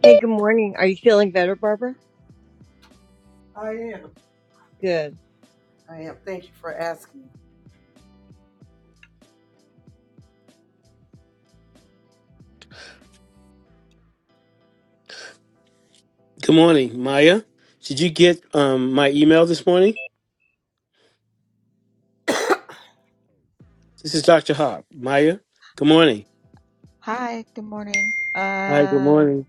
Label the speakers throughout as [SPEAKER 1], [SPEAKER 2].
[SPEAKER 1] Hey, good morning. Are you feeling better, Barbara? Good.
[SPEAKER 2] Good morning, Maya. Did you get um, my email this morning? This is Dr. Hop. Maya, good morning.
[SPEAKER 3] Hi, good morning.
[SPEAKER 2] Hi, good
[SPEAKER 3] Um,
[SPEAKER 2] morning.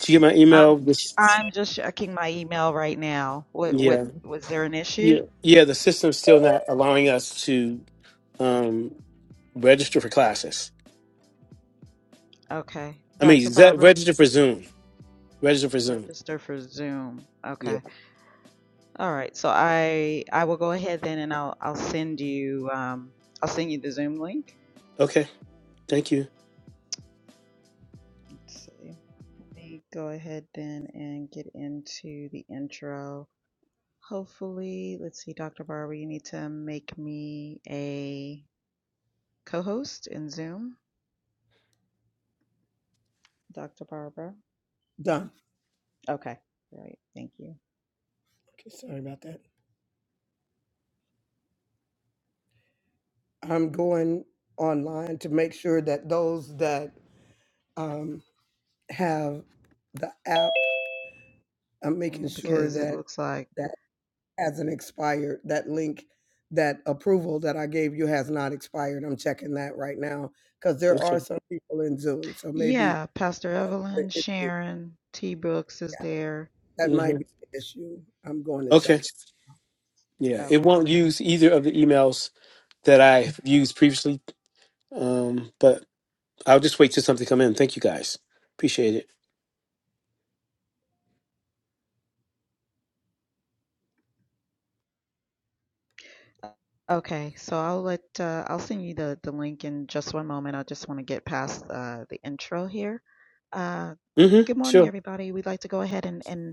[SPEAKER 2] Did you get my
[SPEAKER 3] I'm
[SPEAKER 2] email?
[SPEAKER 3] ch-
[SPEAKER 2] This,
[SPEAKER 3] I'm just checking my email right now. What what
[SPEAKER 2] yeah,
[SPEAKER 3] was there an
[SPEAKER 2] yeah,
[SPEAKER 3] issue?
[SPEAKER 2] yeah. The system's still not allowing us to um, register for classes.
[SPEAKER 3] Okay,
[SPEAKER 2] I mean,
[SPEAKER 3] Dr.
[SPEAKER 2] is that
[SPEAKER 3] Barber,
[SPEAKER 2] register for Zoom. Register for Zoom.
[SPEAKER 3] register for Zoom.
[SPEAKER 2] Yeah.
[SPEAKER 3] Okay, all right. So I I will go ahead then, and I'll I'll send you um I'll send you the Zoom link.
[SPEAKER 2] Okay. Thank you.
[SPEAKER 3] Let's see. Let me go ahead then and get into the intro. Hopefully, let's see, Dr. Barber, you need to make me a co-host in Zoom. Dr. Barbara?
[SPEAKER 4] Done.
[SPEAKER 3] Okay, great. Thank you.
[SPEAKER 4] Okay, sorry about that. I'm going online to make sure that those that um, have the app, I'm making
[SPEAKER 3] Um,
[SPEAKER 4] sure
[SPEAKER 3] Because it
[SPEAKER 4] that
[SPEAKER 3] looks like,
[SPEAKER 4] that hasn't expired. That link, that approval that I gave you has not expired. I'm checking that right now because there are
[SPEAKER 2] Okay.
[SPEAKER 4] some people in Zoom. So maybe
[SPEAKER 3] yeah, Pastor
[SPEAKER 4] the
[SPEAKER 3] Evelyn,
[SPEAKER 4] issue,
[SPEAKER 3] Sharon, T. Brooks is there.
[SPEAKER 4] that might
[SPEAKER 2] hmm
[SPEAKER 4] be the issue. I'm going to
[SPEAKER 2] Okay.
[SPEAKER 4] check it.
[SPEAKER 2] Yeah. It
[SPEAKER 3] Okay.
[SPEAKER 2] won't use either of the emails that I used previously, um, but I'll just wait till something come in. Thank you guys. Appreciate it.
[SPEAKER 3] Uh, Okay, so I'll let, uh, I'll send you the, the link in just one moment. I just want to get past uh, the intro here. Uh,
[SPEAKER 2] Mm-hmm.
[SPEAKER 3] good
[SPEAKER 2] Sure.
[SPEAKER 3] morning, everybody. We'd like to go ahead and, and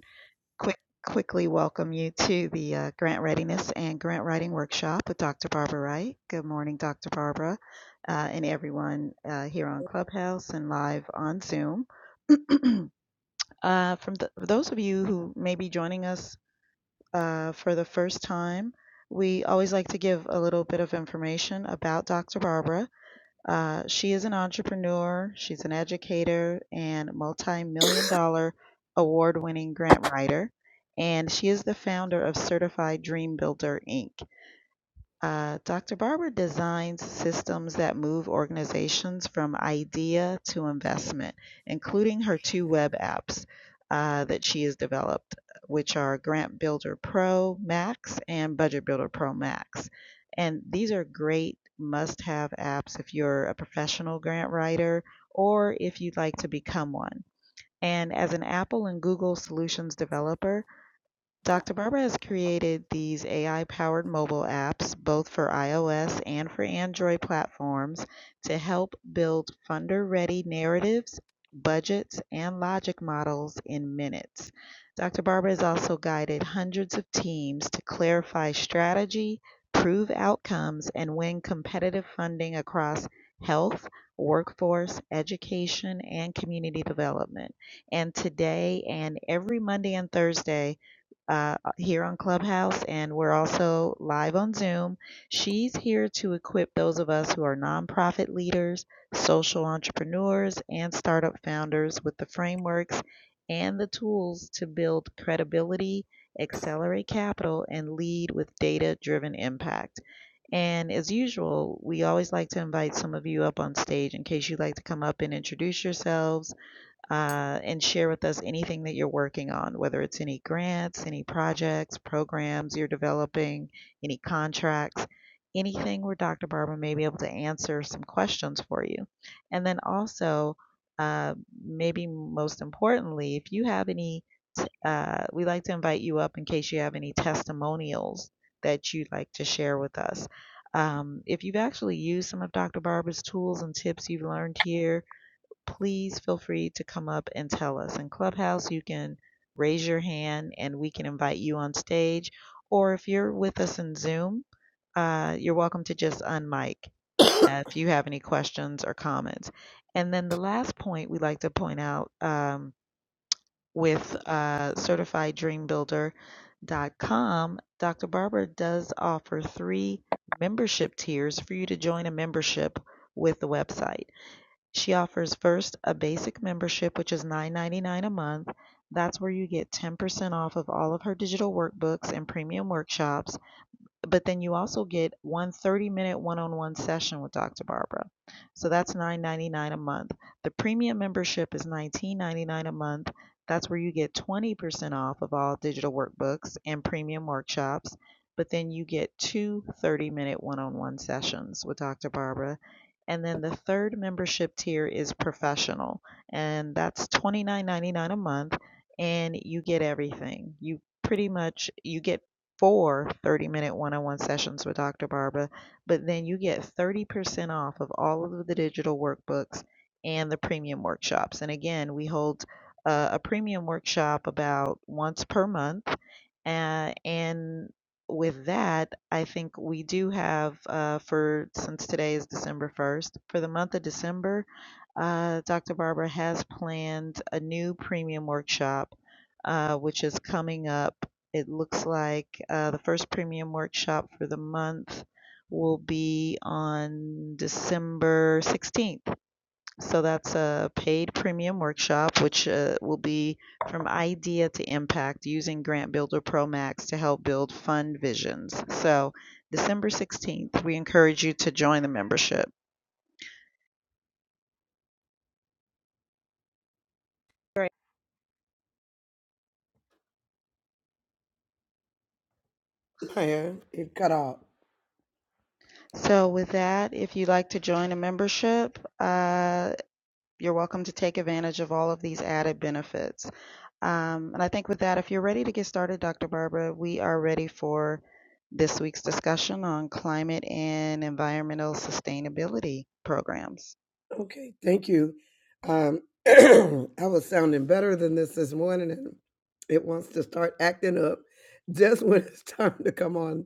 [SPEAKER 3] quick, quickly welcome you to the uh, Grant Readiness and Grant Writing Workshop with Dr. Barbara Wright. Good morning, Dr. Barbara, uh, and everyone uh, here on Clubhouse and live on Zoom. Uh, from th- for those of you who may be joining us uh, for the first time, we always like to give a little bit of information about Dr. Barbara. Uh, she is an entrepreneur, she's an educator, and multi million dollar award winning grant writer. And she is the founder of Certified Dream Builder, Inc. Uh, Dr. Barber designs systems that move organizations from idea to investment, including her two web apps uh, that she has developed, which are Grant Builder Pro Max and Budget Builder Pro Max. And these are great must have apps if you're a professional grant writer or if you'd like to become one. And as an Apple and Google solutions developer, Dr. Barbara has created these AI powered mobile apps, both for iOS and for Android platforms, to help build funder ready narratives, budgets, and logic models in minutes. Dr. Barbara has also guided hundreds of teams to clarify strategy, prove outcomes, and win competitive funding across health, workforce, education, and community development. And today and every Monday and Thursday, uh, uh, here on Clubhouse, and we're also live on Zoom. She's here to equip those of us who are nonprofit leaders, social entrepreneurs, and startup founders with the frameworks and the tools to build credibility, accelerate capital, and lead with data driven impact. And as usual, we always like to invite some of you up on stage in case you'd like to come up and introduce yourselves uh, and share with us anything that you're working on, whether it's any grants, any projects, programs you're developing, any contracts, anything where Dr. Barber may be able to answer some questions for you. And then also, uh, maybe most importantly, if you have any, t- uh, we like to invite you up in case you have any testimonials that you'd like to share with us. Um, if you've actually used some of Dr. Barber's tools and tips you've learned here, please feel free to come up and tell us. In Clubhouse, you can raise your hand and we can invite you on stage. Or if you're with us in Zoom, uh, you're welcome to just unmic uh, if you have any questions or comments. And then the last point we'd like to point out um, with uh, CertifiedDreamBuilder.com, Dr. Barbara does offer three membership tiers for you to join a membership with the website. She offers first a basic membership, which is $9.99 a month. That's where you get 10% off of all of her digital workbooks and premium workshops but then you also get 130 minute one on one session with Dr. Barbara. So that's nine ninety-nine a month. The premium membership is nineteen ninety-nine a month. That's where you get 20% off of all digital workbooks and premium workshops. But then you get 230 minute one on one sessions with Dr. Barbara. And then the third membership tier is professional, and that's twenty-nine ninety-nine a month. And you get everything. You pretty much you get for 30 minute one on one sessions with Dr. Barbara, but then you get 30% off of all of the digital workbooks and the premium workshops. And again, we hold uh, a premium workshop about once per month. Uh, and with that, I think we do have uh, for since today is December 1st, for the month of December, uh, Dr. Barbara has planned a new premium workshop, uh, which is coming up. It looks like uh, the first premium workshop for the month will be on December 16th. So that's a paid premium workshop, which uh, will be from idea to impact using Grant Builder Pro Max to help build fund visions. So December 16th, we encourage you to join the membership. Great.
[SPEAKER 4] Yeah, it cut off.
[SPEAKER 3] So, with that, if you'd like to join a membership, uh, you're welcome to take advantage of all of these added benefits. Um, and I think with that, if you're ready to get started, Dr. Barbara, we are ready for this week's discussion on climate and environmental sustainability programs.
[SPEAKER 4] Okay, thank you. Um, I was sounding better than this this morning, and it wants to start acting up just when it's time to come on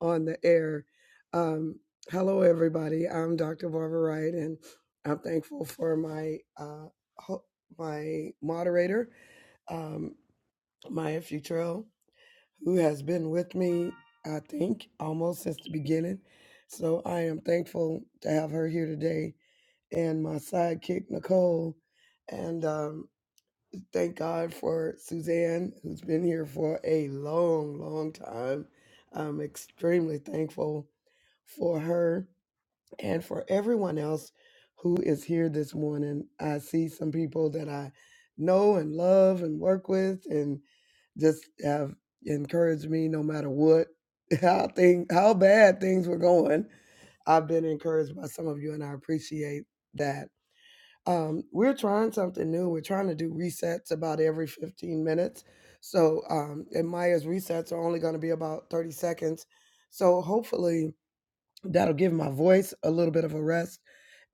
[SPEAKER 4] on the air. Um, hello, everybody. I'm Dr. Barbara Wright, and I'm thankful for my uh, ho- my moderator, um, Maya Futrell, who has been with me, I think, almost since the beginning. So I am thankful to have her here today and my sidekick Nicole. And um, thank God for Suzanne, who's been here for a long, long time. I'm extremely thankful for her and for everyone else who is here this morning. I see some people that I know and love and work with, and just have encouraged me no matter what how thing how bad things were going. I've been encouraged by some of you, and I appreciate that um, we're trying something new. We're trying to do resets about every 15 minutes. So, um, and Maya's resets are only going to be about 30 seconds. So, hopefully, that'll give my voice a little bit of a rest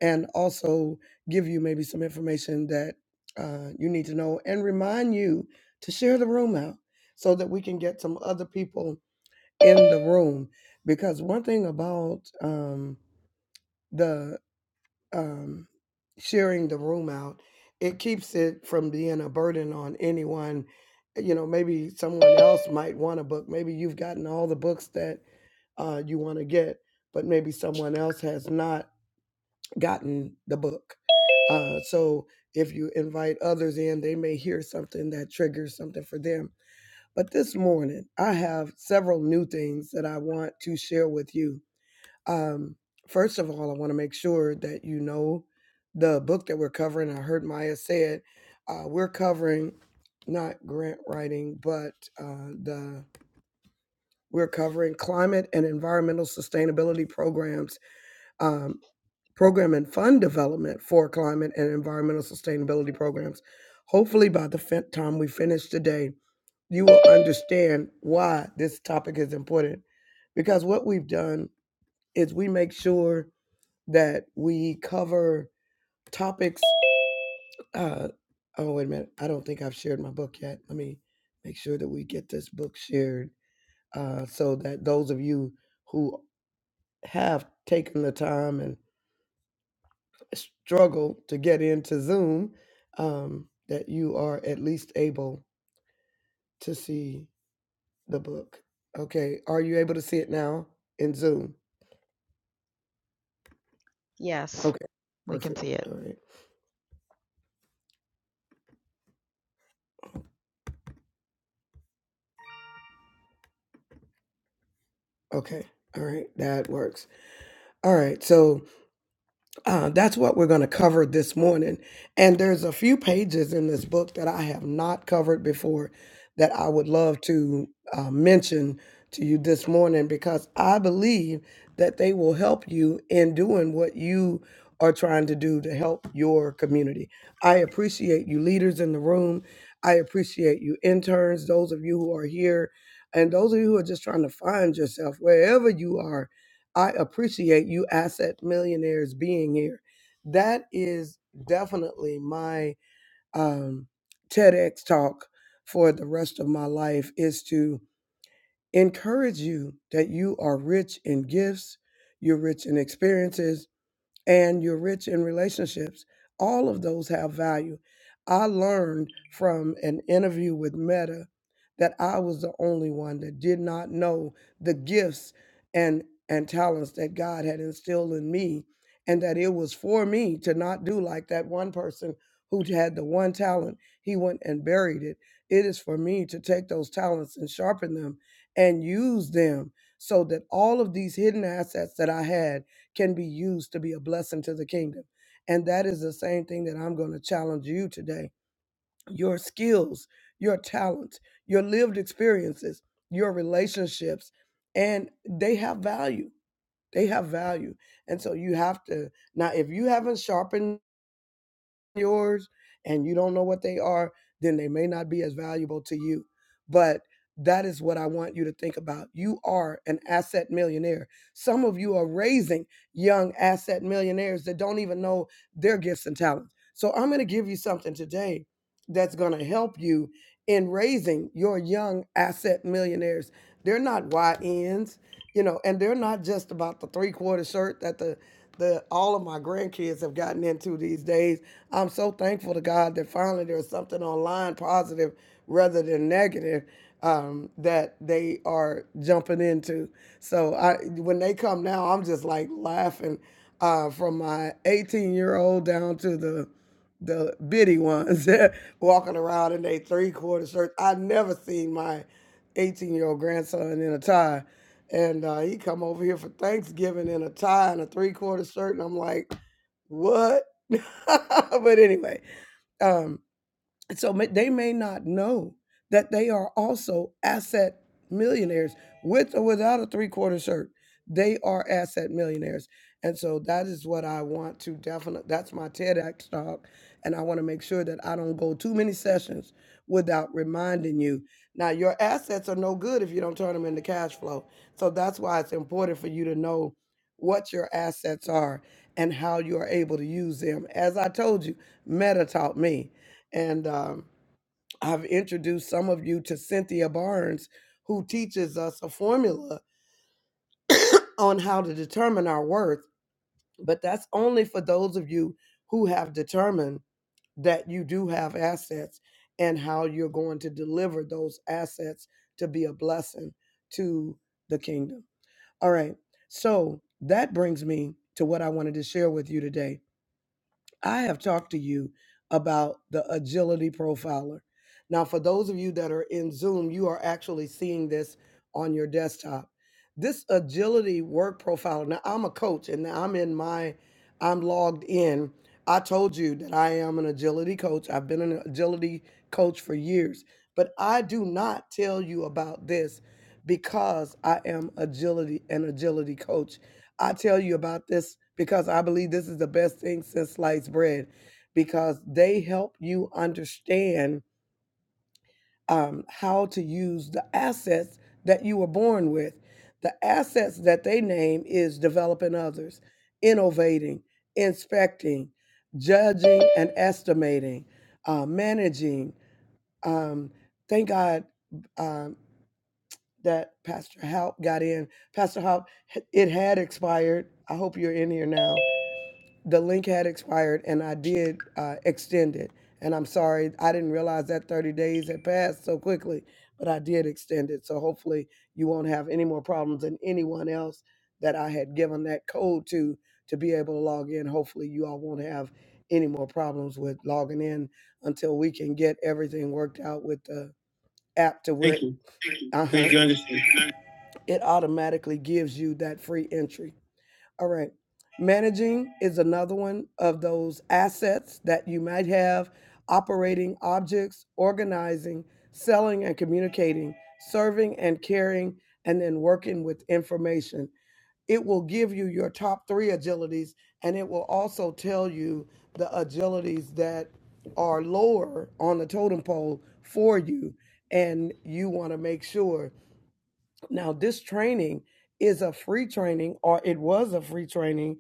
[SPEAKER 4] and also give you maybe some information that uh, you need to know and remind you to share the room out so that we can get some other people in the room. Because one thing about um, the um, sharing the room out. It keeps it from being a burden on anyone. You know, maybe someone else might want a book. Maybe you've gotten all the books that uh, you want to get, but maybe someone else has not gotten the book. Uh, so if you invite others in, they may hear something that triggers something for them. But this morning, I have several new things that I want to share with you um, first of all, I want to make sure that you know the book that we're covering. I heard Maya said uh, we're covering not grant writing, but uh, the we're covering climate and environmental sustainability programs, um, program and fund development for climate and environmental sustainability programs. Hopefully, by the fin- time we finish today, you will understand why this topic is important. Because what we've done is we make sure that we cover topics. Uh, oh, wait a minute. I don't think I've shared my book yet. Let me make sure that we get this book shared uh, so that those of you who have taken the time and struggle to get into Zoom, um, that you are at least able to see the book. Okay. Are you able to see it now in Zoom?
[SPEAKER 3] Yes,
[SPEAKER 4] Okay.
[SPEAKER 3] we can
[SPEAKER 4] Perfect.
[SPEAKER 3] see
[SPEAKER 4] All
[SPEAKER 3] it.
[SPEAKER 4] right. Okay. All right. That works. All right. So, Uh, that's what we're going to cover this morning. And there's a few pages in this book that I have not covered before that I would love to uh, mention to you this morning because I believe that they will help you in doing what you are trying to do to help your community. I appreciate you, leaders in the room. I appreciate you, interns, those of you who are here, and those of you who are just trying to find yourself wherever you are I appreciate you asset millionaires being here. That is definitely my um, TEDx talk for the rest of my life is to encourage you that you are rich in gifts, you're rich in experiences, and you're rich in relationships, all of those have value. I learned from an interview with Meta that I was the only one that did not know the gifts and and talents that God had instilled in me and that it was for me to not do like that one person who had the one talent he went and buried it it is for me to take those talents and sharpen them and use them so that all of these hidden assets that I had can be used to be a blessing to the kingdom. And that is the same thing that I'm going to challenge you today. Your skills, your talents, your lived experiences, your relationships, and they have value. They have value. And so you have to, now, if you haven't sharpened yours and you don't know what they are, then they may not be as valuable to you. But that is what I want you to think about. You are an asset millionaire. Some of you are raising young asset millionaires that don't even know their gifts and talents. So I'm going to give you something today that's going to help you in raising your young asset millionaires. They're not YNs, you know, and they're not just about the three quarter shirt that the that all of my grandkids have gotten into these days. I'm so thankful to God that finally there's something online positive rather than negative um, that they are jumping into. So I, when they come now, I'm just like laughing uh, from my 18 year old down to the the bitty ones walking around in their three quarter shirts. I never seen my 18 year old grandson in a tie. And uh, he come over here for Thanksgiving in a tie and a three quarter shirt. And I'm like, what? but anyway, um, and so may, they may not know that they are also asset millionaires with or without a three quarter shirt. They are asset millionaires. And so that is what I want to definitely, that's my TEDx talk. And I want to make sure that I don't go too many sessions without reminding you. Now, your assets are no good if you don't turn them into cash flow. So that's why it's important for you to know what your assets are and how you are able to use them. As I told you, Meta taught me. And um, I've introduced some of you to Cynthia Barnes, who teaches us a formula on how to determine our worth. But that's only for those of you who have determined that you do have assets and how you're going to deliver those assets to be a blessing to the kingdom. All right. So that brings me to what I wanted to share with you today. I have talked to you about the agility profiler. Now, for those of you that are in Zoom, you are actually seeing this on your desktop. This agility work profiler. Now, I'm a coach and now I'm in my, I'm logged in. I told you that I am an agility coach. I've been an agility coach for years, but I do not tell you about this because I am agility an agility coach I tell you about this because I believe this is the best thing since sliced bread because they help you understand um, how to use the assets that you were born with. The assets that they name is developing others, innovating, inspecting, judging and estimating, uh, managing. Um, thank God um, that Pastor Haupt got in. Pastor Haupt, it had expired. I hope you're in here now the link had expired and I did uh, extend it. And I'm sorry, I didn't realize that 30 days had passed so quickly, but I did extend it. So hopefully you won't have any more problems than anyone else that I had given that code to to be able to log in. Hopefully you all won't have any more problems with logging in until we can get everything worked out with the app to where Thank you. uh Thank huh you. it automatically gives you that free entry. All right. Managing is another one of those assets that you might have operating objects, organizing, selling and communicating, serving and caring, and then working with information. It will give you your top three agilities and it will also tell you the agilities that are lower on the totem pole for you. And you want to make sure now, this training is a free training, or it was a free training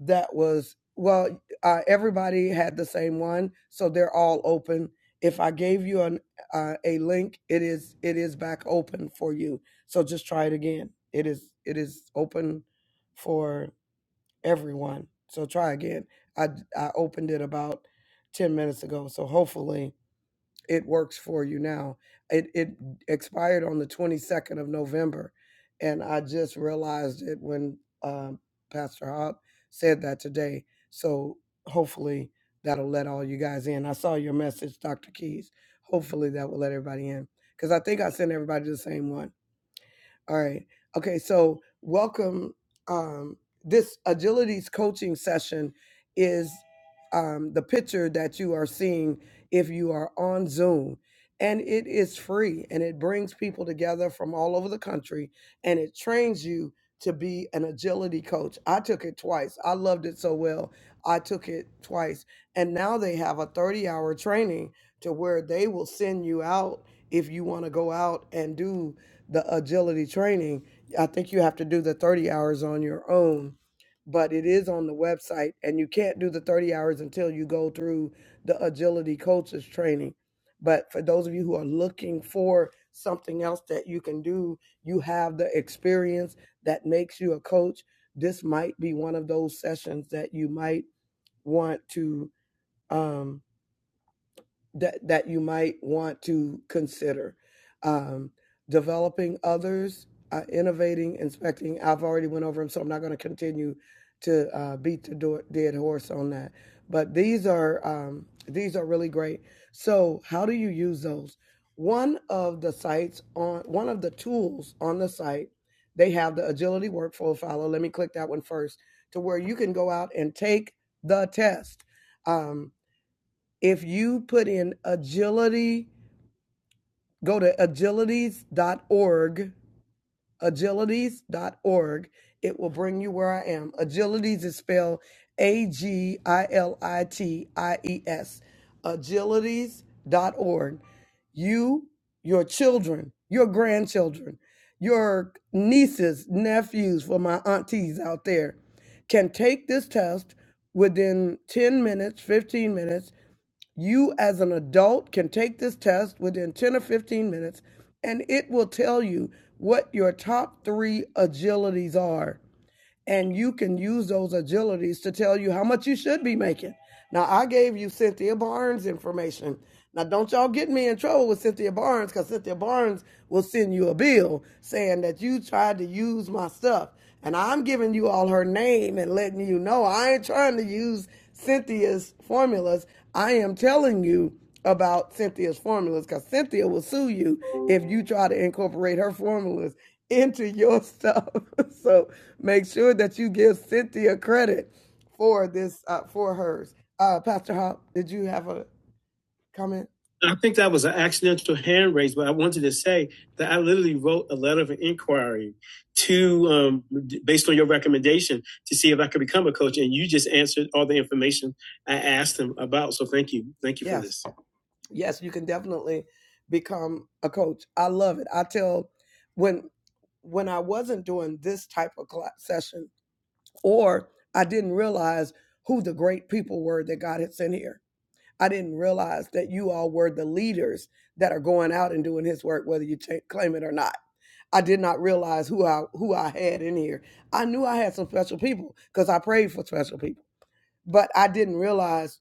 [SPEAKER 4] that was, well, uh, everybody had the same one, so they're all open. If I gave you an, uh, a link, it is it is back open for you. So just try it again. It is it is open for everyone. So try again. I I opened it about ten minutes ago, so hopefully it works for you now. It it expired on the 22nd of November, and I just realized it when um, Pastor Hop said that today. So hopefully that'll let all you guys in. I saw your message, Dr. Keys. Hopefully that will let everybody in because I think I sent everybody the same one. All right. Okay. So, welcome. Um, this agility's coaching session is um, the picture that you are seeing if you are on Zoom. And it is free and it brings people together from all over the country and it trains you to be an agility coach. I took it twice. I loved it so well. I took it twice. And now they have a 30 hour training to where they will send you out if you want to go out and do the agility training, I think you have to do the 30 hours on your own, but it is on the website and you can't do the 30 hours until you go through the agility coaches training. But for those of you who are looking for something else that you can do, you have the experience that makes you a coach. This might be one of those sessions that you might want to um, that that you might want to consider um, developing others uh, innovating inspecting i've already went over them so i'm not going to continue to uh, beat the door, dead horse on that but these are um, these are really great so how do you use those one of the sites on one of the tools on the site they have the agility workflow follow let me click that one first to where you can go out and take the test Um, if you put in agility, go to agilities dot org. agilities dot org. it will bring you where I am. Agilities is spelled A G I L I T I E S, agilities dot org. You, your children, your grandchildren, your nieces, nephews, for my aunties out there, can take this test within 10 minutes, 15 minutes you, as an adult, can take this test within 10 or 15 minutes, and it will tell you what your top three agilities are and you can use those agilities to tell you how much you should be making. Now, I gave you Cynthia Barnes information. Now, don't y'all get me in trouble with Cynthia Barnes because Cynthia Barnes will send you a bill saying that you tried to use my stuff. And I'm giving you all her name and letting you know I ain't trying to use Cynthia's formulas. I am telling you about Cynthia's formulas because Cynthia will sue you if you try to incorporate her formulas into your stuff. so make sure that you give Cynthia credit for this uh, for hers. Uh, Pastor Hop, did you have a comment? I think that was an accidental hand raise, but I wanted to say that I literally wrote a letter of inquiry to, um, based on your recommendation, to see if I could become a coach, and you just answered all the information I asked them about. So thank you, thank you yes. for Yes. this yes, you can definitely become a coach. I love it. I tell when when I wasn't doing this type of cla- session, or I didn't realize who the great people were that God had sent here. I didn't realize that you all were the leaders that are going out and doing His work, whether you ta- claim it or not. I did not realize who I who I had in here. I knew I had some special people because I prayed for special people, but I didn't realize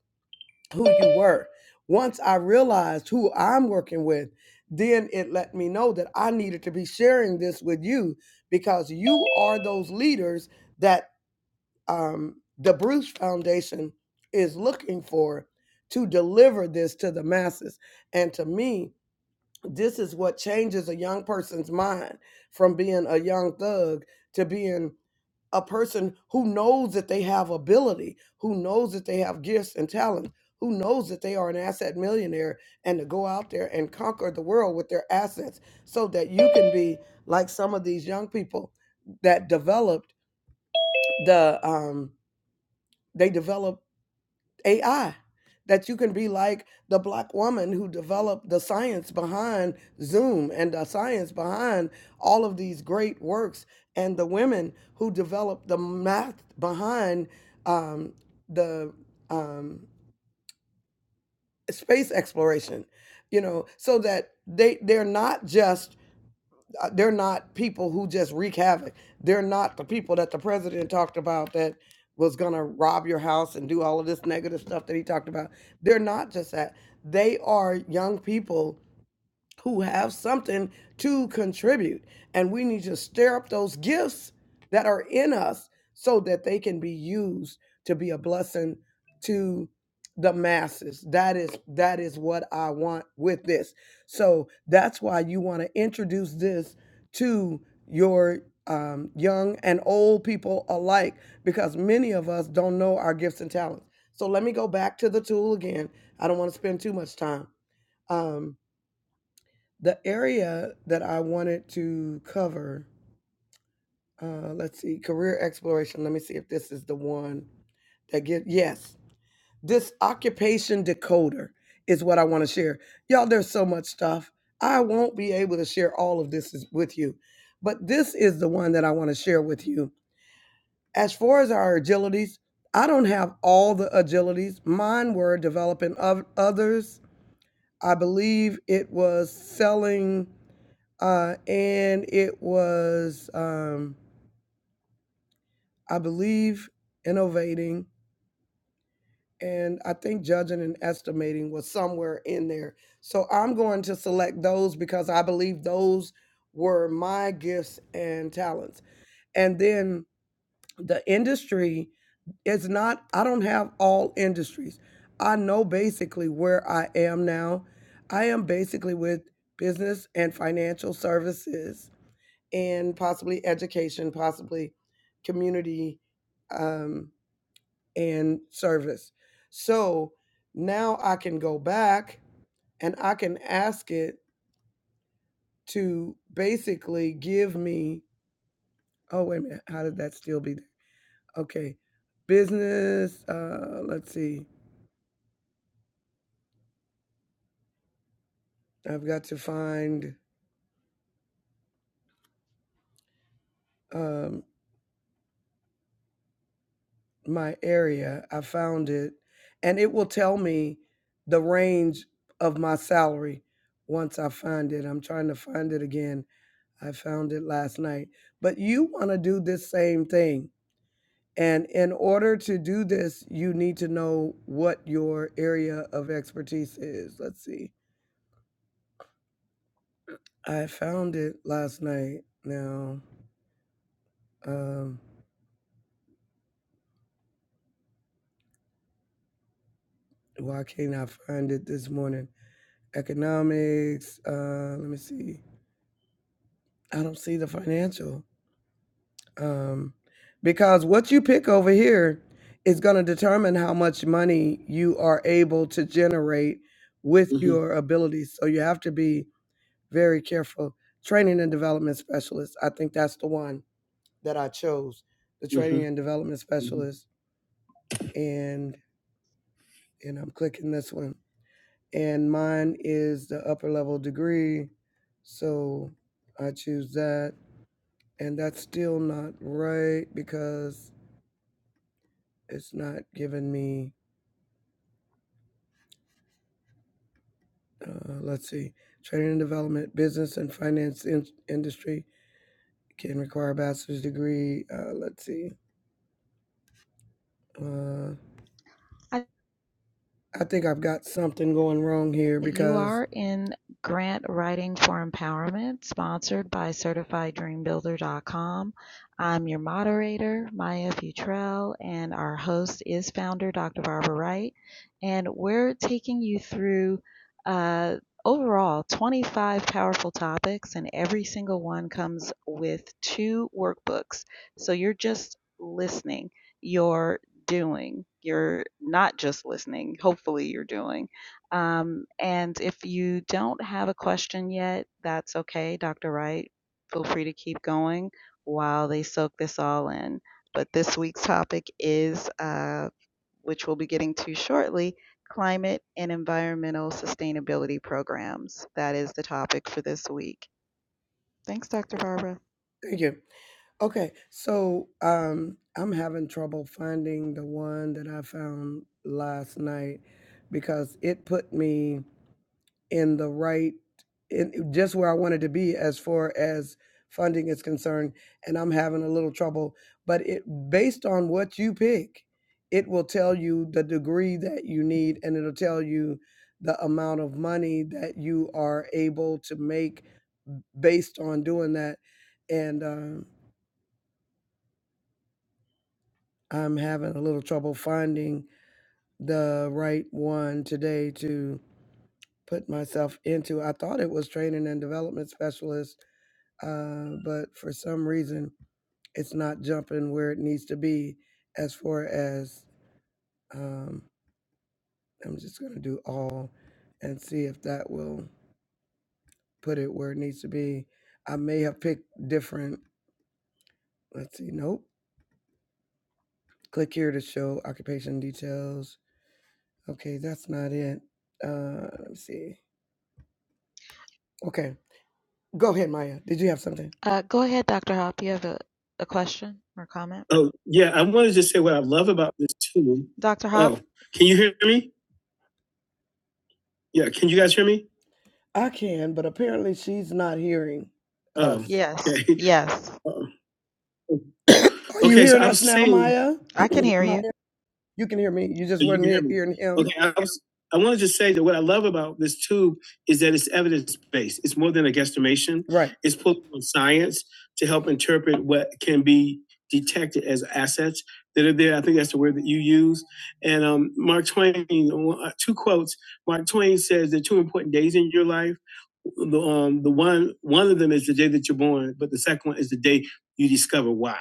[SPEAKER 4] who you were. Once I realized who I'm working with, then it let me know that I needed to be sharing this with you because you are those leaders that um, the Bruce Foundation is looking for to deliver this to the masses. And to me, this is what changes a young person's mind from being a young thug to being a person who knows that they have ability, who knows that they have gifts and talent, who knows that they are an asset millionaire and to go out there and conquer the world with their assets so that you can be like some of these young people that developed the um they developed AI that you can be like the black woman who developed the science behind Zoom and the science behind all of these great works, and the women who developed the math behind um, the um, space exploration. You know, so that they they're not just uh, they're not people who just wreak havoc. They're not the people that the president talked about that was going to rob your house and do all of this negative stuff that he talked about. They're not just that. They are young people who have something to contribute. And we need to stir up those gifts that are in us so that they can be used to be a blessing to the masses. That is that is what I want with this. So that's why you want to introduce this to your um, young and old people alike, because many of us don't know our gifts and talents. So let me go back to the tool again. I don't want to spend too much time. Um, the area that I wanted to cover, uh, let's see, career exploration. Let me see if this is the one that get yes this occupation decoder is what i want to share y'all there's so much stuff i won't be able to share all of this is- with you but this is the one that i want to share with you as far as our agilities i don't have all the agilities mine were developing of others i believe it was selling uh, and it was, um, I believe, innovating, and I think judging and estimating was somewhere in there. So I'm going to select those because I believe those were my gifts and talents. And then the industry is not, I don't have all industries. I know basically where I am now. I am basically with business and financial services and possibly education, possibly community um, and service. So now I can go back and I can ask it to basically give me, oh, wait a minute, how did that still be there? Okay, business, uh, let's see, I've got to find. Um, my area. I found it, and it will tell me the range of my salary once I find it. I'm trying to find it again. I found it last night. But you want to do this same thing. And in order to do this, you need to know what your area of expertise is. Let's see. I found it last night. Now, um, why can't I find it this morning? Economics. Uh, let me see I don't see the financial. Um, because what you pick over here is going to determine how much money you are able to generate with hmm your abilities. So you have to be very careful. Training and development specialist. I think that's the one that I chose. The hmm training and development hmm specialist. And and I'm clicking this one. And mine is the upper level degree. So I choose that. And that's still not right because it's not giving me uh, let's see training and development business and finance in- industry can require a bachelor's degree uh, let's see uh, i think i've got something going wrong here
[SPEAKER 3] You
[SPEAKER 4] because
[SPEAKER 3] are in grant writing for empowerment sponsored by certifieddreambuilder.com. I'm your moderator, Maya Futrell, and our host is founder Dr. Barbara Wright. And we're taking you through uh, overall 25 powerful topics, and every single one comes with two workbooks. So you're just listening, you're doing, you're not just listening, hopefully, you're doing um, and if you don't have a question yet, that's okay, Dr. Wright. Feel free to keep going while they soak this all in. But this week's topic is, uh, which we'll be getting to shortly, climate and environmental sustainability programs. That is the topic for this week. Thanks, Dr. Barbara.
[SPEAKER 4] thank you okay so um, i'm having trouble finding the one that i found last night because it put me in the right in just where I wanted to be as far as funding is concerned and I'm having a little trouble but it based on what you pick it will tell you the degree that you need and it'll tell you the amount of money that you are able to make based on doing that and um, I'm having a little trouble finding the right one today to put myself into I thought it was training and development specialist uh, but for some reason, it's not jumping where it needs to be as far as um, I'm just going to do all and see if that will put it where it needs to be. I may have picked different, let's see, nope. Click here to show occupation details. Okay, that's not it. Uh, let me see. Okay, go ahead, Maya. Did you have something?
[SPEAKER 3] Uh, go ahead, Dr. Hop. You have a, a question or comment?
[SPEAKER 4] Oh, yeah, I wanted to just say what I love about this tool.
[SPEAKER 3] Dr. Hop?
[SPEAKER 4] Oh, can you hear me? Yeah, can you guys hear me? I can, but apparently she's not hearing Oh, us.
[SPEAKER 3] Yes,
[SPEAKER 4] okay.
[SPEAKER 3] yes.
[SPEAKER 4] uh Are you Okay, so hearing I us now, saying, Maya?
[SPEAKER 3] I can hear
[SPEAKER 4] Maya?
[SPEAKER 3] you.
[SPEAKER 4] You can hear me. You just So weren't can near hear hearing him. Okay, I was. I want to just say that what I love about this tube is that it's evidence based. It's more than a guesstimation. Right. It's pulled from science to help interpret what can be detected as assets that are there. I think that's the word that you use. And um, Mark Twain, uh, two quotes. Mark Twain says there are two important days in your life. The um, the one one of them is the day that you're born, but the second one is the day you discover why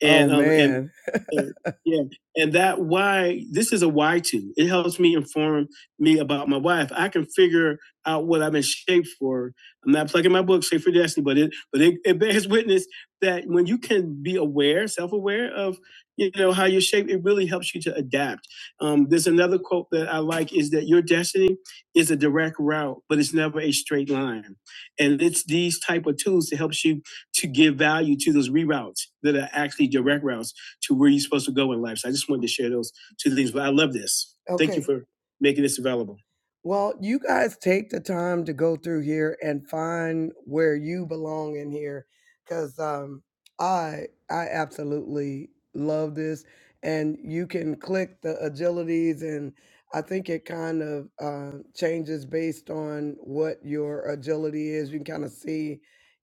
[SPEAKER 4] and Oh um man. and man. uh, yeah and that why this is a why too. it helps me inform me about my wife i can figure out what i have been shaped for i'm not plugging my book shape for destiny but it but it, it bears witness that when you can be aware self-aware of you know how you're shaped it really helps you to adapt um, there's another quote that i like is that your destiny is a direct route but it's never a straight line and it's these type of tools that helps you to give value to those reroutes that are actually direct routes to where you're supposed to go in life. So I just wanted to share those two things. But I love this. Okay. Thank you Okay. for making this available. Well, you guys take the time to go through here and find where you belong in here, because um, I I absolutely love this, and you can click the agilities, and I think it kind of uh, changes based on what your agility is. You can kind of see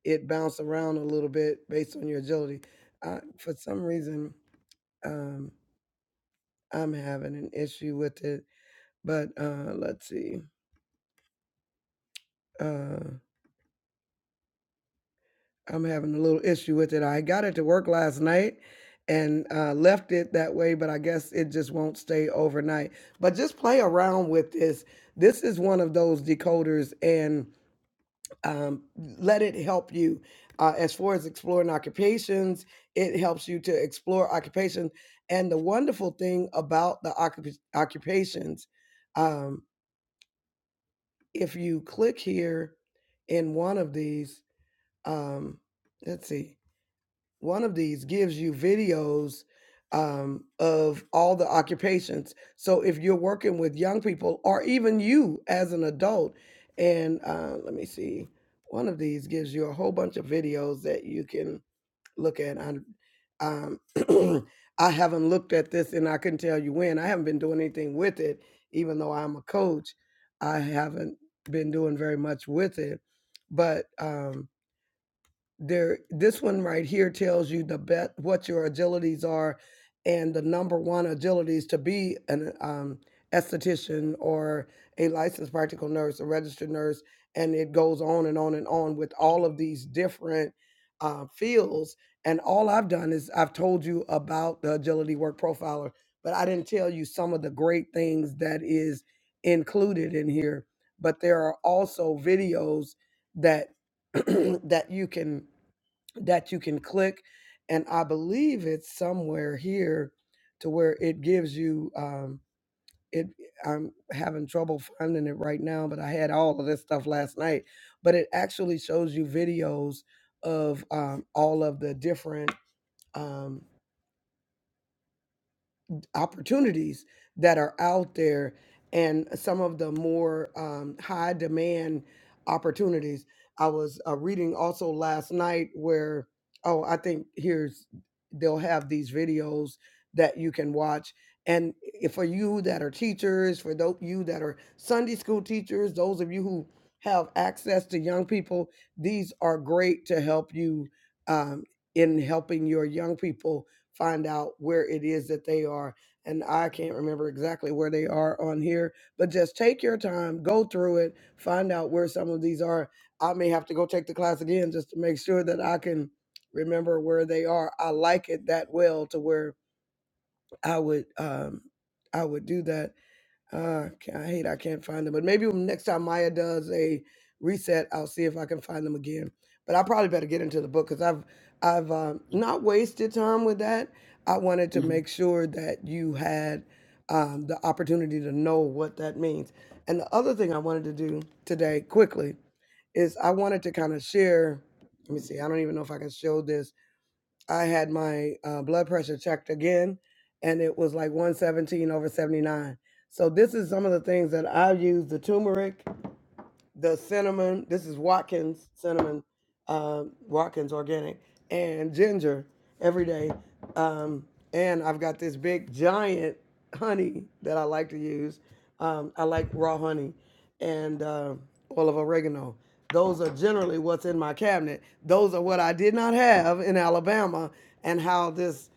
[SPEAKER 4] it bounced around a little bit based on your agility. I, for some reason, um, I'm having an issue with it, but uh, let's see. Uh, I'm having a little issue with it. I got it to work last night and uh, left it that way, but I guess it just won't stay overnight. But just play around with this. This is one of those decoders, and um, let it help you uh, as far as exploring occupations it helps you to explore occupation and the wonderful thing about the occup- occupations um, if you click here in one of these um, let's see one of these gives you videos um, of all the occupations. So if you're working with young people or even you as an adult, and uh, let me see, one of these gives you a whole bunch of videos that you can look at. I, um, I haven't looked at this and I couldn't tell you when. I haven't been doing anything with it, even though I'm a coach. I haven't been doing very much with it. But um, there this one right here tells you the bet what your agilities are and the number one agilities to be an um esthetician or a licensed practical nurse a registered nurse and it goes on and on and on with all of these different uh, fields and all i've done is i've told you about the agility work profiler but i didn't tell you some of the great things that is included in here but there are also videos that that you can that you can click. And I believe it's somewhere here to where it gives you um it I'm having trouble finding it right now, but I had all of this stuff last night. But it actually shows you videos of um all of the different um opportunities that are out there and some of the more um, high demand opportunities. I was uh, reading also last night where, oh, I think here's, they'll have these videos that you can watch. And if for you that are teachers, for those you that are Sunday school teachers, those of you who have access to young people, these are great to help you um, in helping your young people find out where it is that they are and I can't remember exactly where they are on here, but just take your time, go through it, find out where some of these are. I may have to go take the class again just to make sure that I can remember where they are. I like it that well to where I would um I would do that. Uh, ca- I hate I can't find them, but maybe when next time Maya does a reset, I'll see if I can find them again. But I probably better get into the book because I've I've um, not wasted time with that. I wanted to hmm make sure that you had um, the opportunity to know what that means. And the other thing I wanted to do today quickly is I wanted to kind of share. Let me see. I don't even know if I can show this I had my uh, blood pressure checked again, and it was like 117 over 79. So this is some of the things that I use: the turmeric, the cinnamon. This is Watkins cinnamon, um, Watkins organic, and ginger every day. Um, and I've got this big giant honey that I like to use. Um, I like raw honey and uh, oil of oregano. Those are generally what's in my cabinet. Those are what I did not have in Alabama, and how this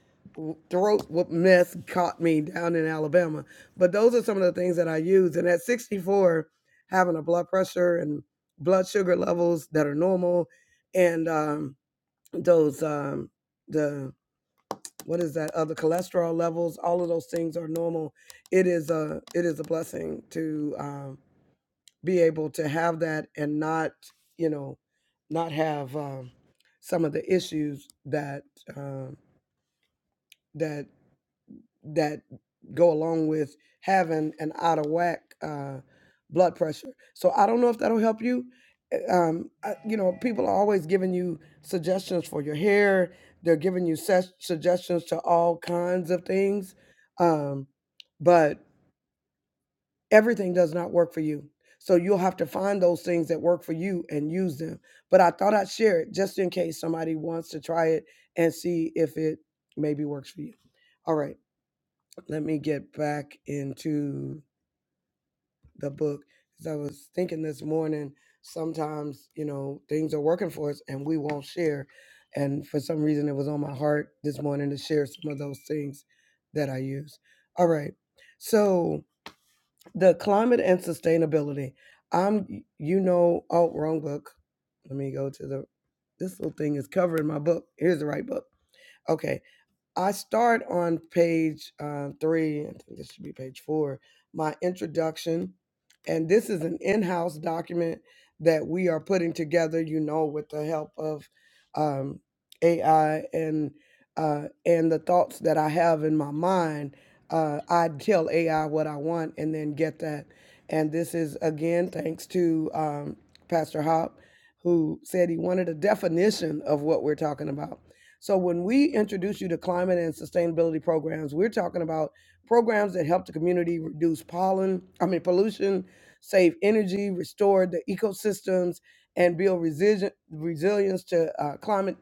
[SPEAKER 4] throat whoop mess caught me down in Alabama. But those are some of the things that I use. And at 64, having a blood pressure and blood sugar levels that are normal and um, those um, the what is that other uh, cholesterol levels all of those things are normal it is a it is a blessing to um, be able to have that and not you know not have um, some of the issues that um, that that go along with having an out of whack uh, blood pressure. So I don't know if that'll help you. Uh, Um, I- you know, people are always giving you suggestions for your hair. They're giving you ses- suggestions to all kinds of things, um, but everything does not work for you. So you'll have to find those things that work for you and use them. But I thought I'd share it just in case somebody wants to try it and see if it maybe works for you. All right let me get back into the book As I was thinking this morning. Sometimes you know things are working for us and we won't share, and for some reason it was on my heart this morning to share some of those things that I use. All right, so the climate and sustainability. I'm you know oh wrong book. Let me go to the this little thing is covering my book. Here's the right book. Okay. I start on page uh, three, I think this should be page four, my introduction. And this is an in house document that we are putting together, you know, with the help of um, AI and uh, and the thoughts that I have in my mind. Uh, I tell AI what I want and then get that. And this is, again, thanks to um, Pastor Hop, who said he wanted a definition of what we're talking about. So when we introduce you to climate and sustainability programs, we're talking about programs that help the community reduce pollen, I mean pollution, save energy, restore the ecosystems, and build resili- resilience to uh, climate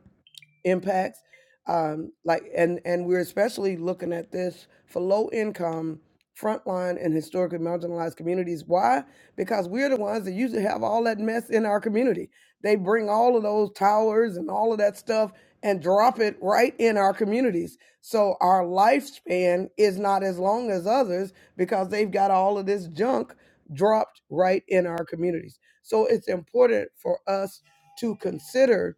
[SPEAKER 4] impacts um, like and and we're especially looking at this for low income frontline and historically marginalized communities why because we're the ones that usually have all that mess in our community they bring all of those towers and all of that stuff and drop it right in our communities so our lifespan is not as long as others because they've got all of this junk dropped right in our communities so it's important for us to consider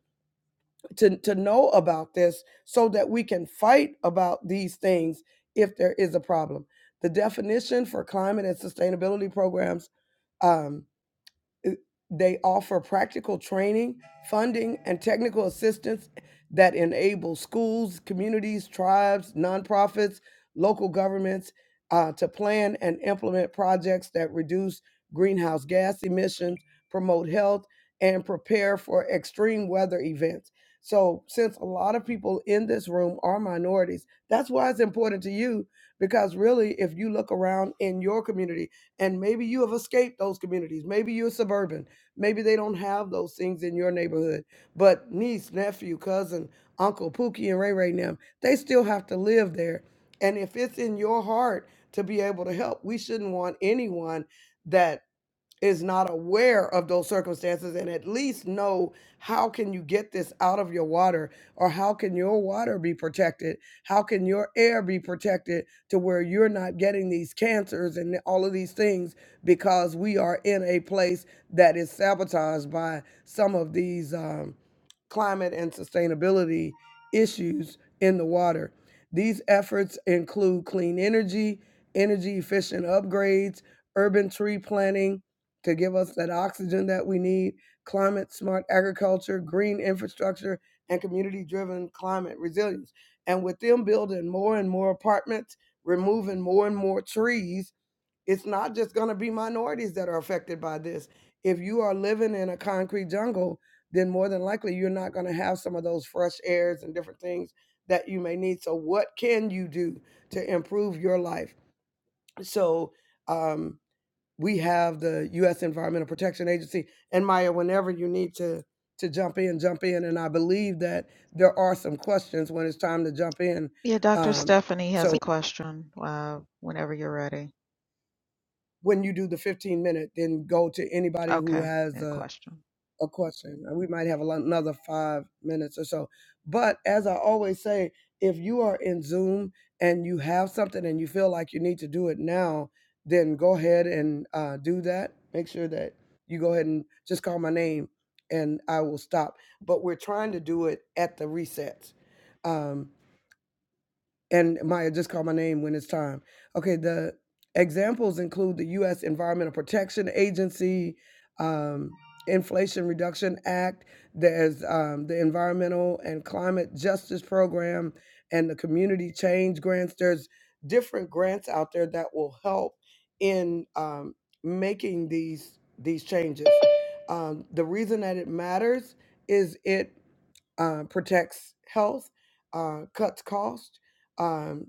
[SPEAKER 4] to, to know about this so that we can fight about these things if there is a problem. The definition for climate and sustainability programs um, they offer practical training, funding, and technical assistance that enable schools, communities, tribes, nonprofits, local governments uh, to plan and implement projects that reduce greenhouse gas emissions, promote health, and prepare for extreme weather events. So, since a lot of people in this room are minorities, that's why it's important to you because really, if you look around in your community, and maybe you have escaped those communities. Maybe you're suburban. Maybe they don't have those things in your neighborhood. But niece, nephew, cousin, uncle, Pookie, and Ray Ray and them, they still have to live there. And if it's in your heart to be able to help, we shouldn't want anyone that is not aware of those circumstances and at least know how can you get this out of your water or how can your water be protected how can your air be protected to where you're not getting these cancers and all of these things because we are in a place that is sabotaged by some of these um, climate and sustainability issues in the water. These efforts include clean energy, energy efficient upgrades, urban tree planting, to give us that oxygen that we need, climate smart agriculture, green infrastructure, and community driven climate resilience. And with them building more and more apartments, removing more and more trees, it's not just going to be minorities that are affected by this. If you are living in a concrete jungle, then more than likely you're not going to have some of those fresh airs and different things that you may need. So, what can you do to improve your life? So, um, we have the U.S. Environmental Protection Agency. And Maya, whenever you need to to jump in, jump in. And I believe that there are some questions when it's time to jump in.
[SPEAKER 3] Yeah, Dr.
[SPEAKER 4] Um,
[SPEAKER 3] Stephanie has
[SPEAKER 4] so
[SPEAKER 3] a question uh, whenever you're ready.
[SPEAKER 4] when you do the 15 minute, then go to anybody who
[SPEAKER 3] Okay,
[SPEAKER 4] has
[SPEAKER 3] a
[SPEAKER 4] a
[SPEAKER 3] question.
[SPEAKER 4] a question, and we might have a lo- another five minutes or so. But as I always say, if you are in Zoom and you have something and you feel like you need to do it now, then go ahead and uh, do that. Make sure that you go ahead and just call my name and I will stop. But we're trying to do it at the resets. Um, and Maya just call my name when it's time. Okay, the examples include the U.S. Environmental Protection Agency, um, Inflation Reduction Act. There's um, the Environmental and Climate Justice Program and the Community Change Grants. There's different grants out there that will help in um, making these these changes. Um, the reason that it matters is it uh, protects health, uh, cuts cost. Um,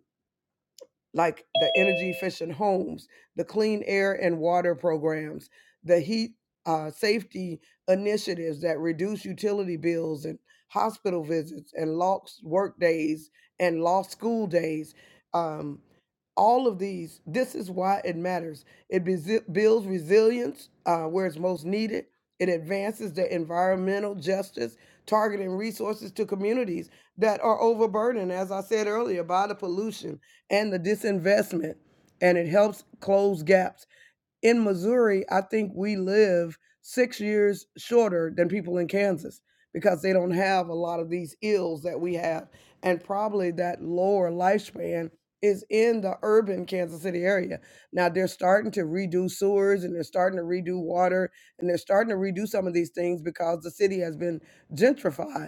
[SPEAKER 4] like the energy efficient homes, the clean air and water programs, the heat uh, safety initiatives that reduce utility bills and hospital visits and lost work days and lost school days. Um, all of these, this is why it matters. It besi- builds resilience uh, where it's most needed. It advances the environmental justice, targeting resources to communities that are overburdened, as I said earlier, by the pollution and the disinvestment, and it helps close gaps. In Missouri, I think we live six years shorter than people in Kansas because they don't have a lot of these ills that we have. And probably that lower lifespan is in the urban Kansas City area. Now they're starting to redo sewers and they're starting to redo water and they're starting to redo some of these things because the city has been gentrified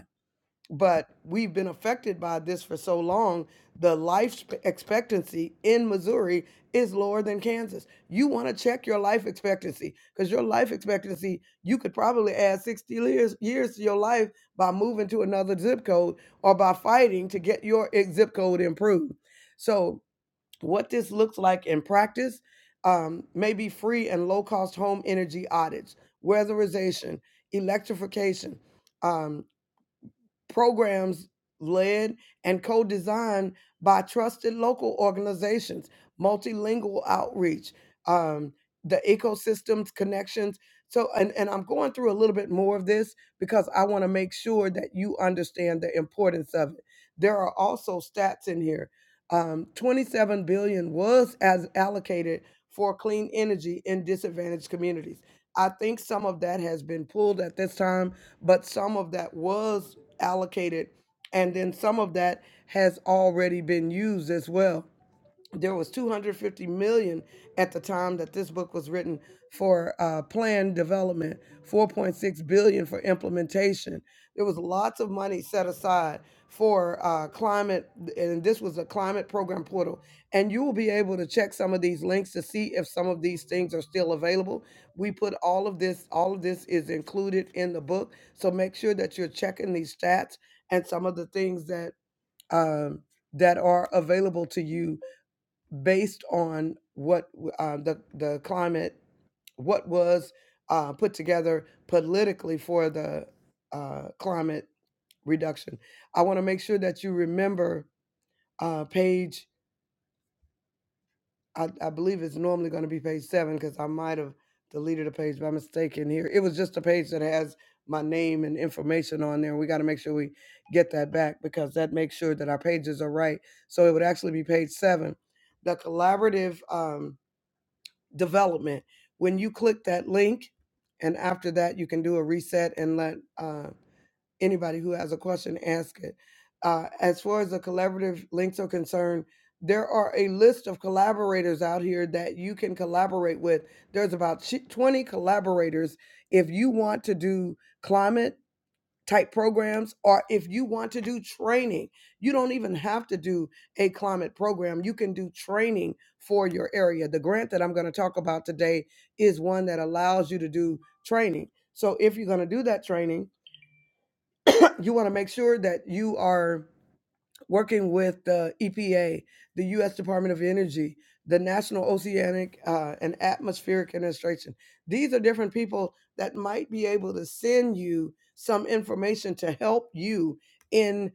[SPEAKER 4] but we've been affected by this for so long. The life sp- expectancy in Missouri is lower than Kansas. You want to check your life expectancy because your life expectancy, you could probably add 60 years, years to your life by moving to another zip code or by fighting to get your i- zip code improved. So, what this looks like in practice um, may be free and low cost home energy audits, weatherization, electrification. Um, programs led and co designed by trusted local organizations, multilingual outreach, um, the ecosystems connections. So, and, and I'm going through a little bit more of this because I want to make sure that you understand the importance of it. There are also stats in here. Um, 27 billion was as allocated for clean energy in disadvantaged communities. I think some of that has been pulled at this time, but some of that was allocated. And then some of that has already been used as well there was 250 million at the time that this book was written for uh, planned development 4.6 billion for implementation there was lots of money set aside for uh, climate and this was a climate program portal and you will be able to check some of these links to see if some of these things are still available we put all of this all of this is included in the book so make sure that you're checking these stats and some of the things that um, that are available to you based on what uh, the the climate what was uh, put together politically for the uh, climate reduction. I want to make sure that you remember uh, page. I, I believe it's normally going to be page seven because I might have deleted a page by mistake in here. It was just a page that has my name and information on there. We got to make sure we get that back because that makes sure that our pages are right. So it would actually be page seven. The collaborative. Um, development. When you click that link, and after that, you can do a reset and let uh, anybody who has a question ask it. Uh, as far as the collaborative links are concerned, there are a list of collaborators out here that you can collaborate with. There's about chi- 20 collaborators. If you want to do climate, type programs or if you want to do training you don't even have to do a climate program you can do training for your area the grant that i'm going to talk about today is one that allows you to do training so if you're going to do that training you want to make sure that you are working with the EPA, the U.S. Department of Energy, the National Oceanic uh, and Atmospheric Administration. These are different people that might be able to send you some information to help you in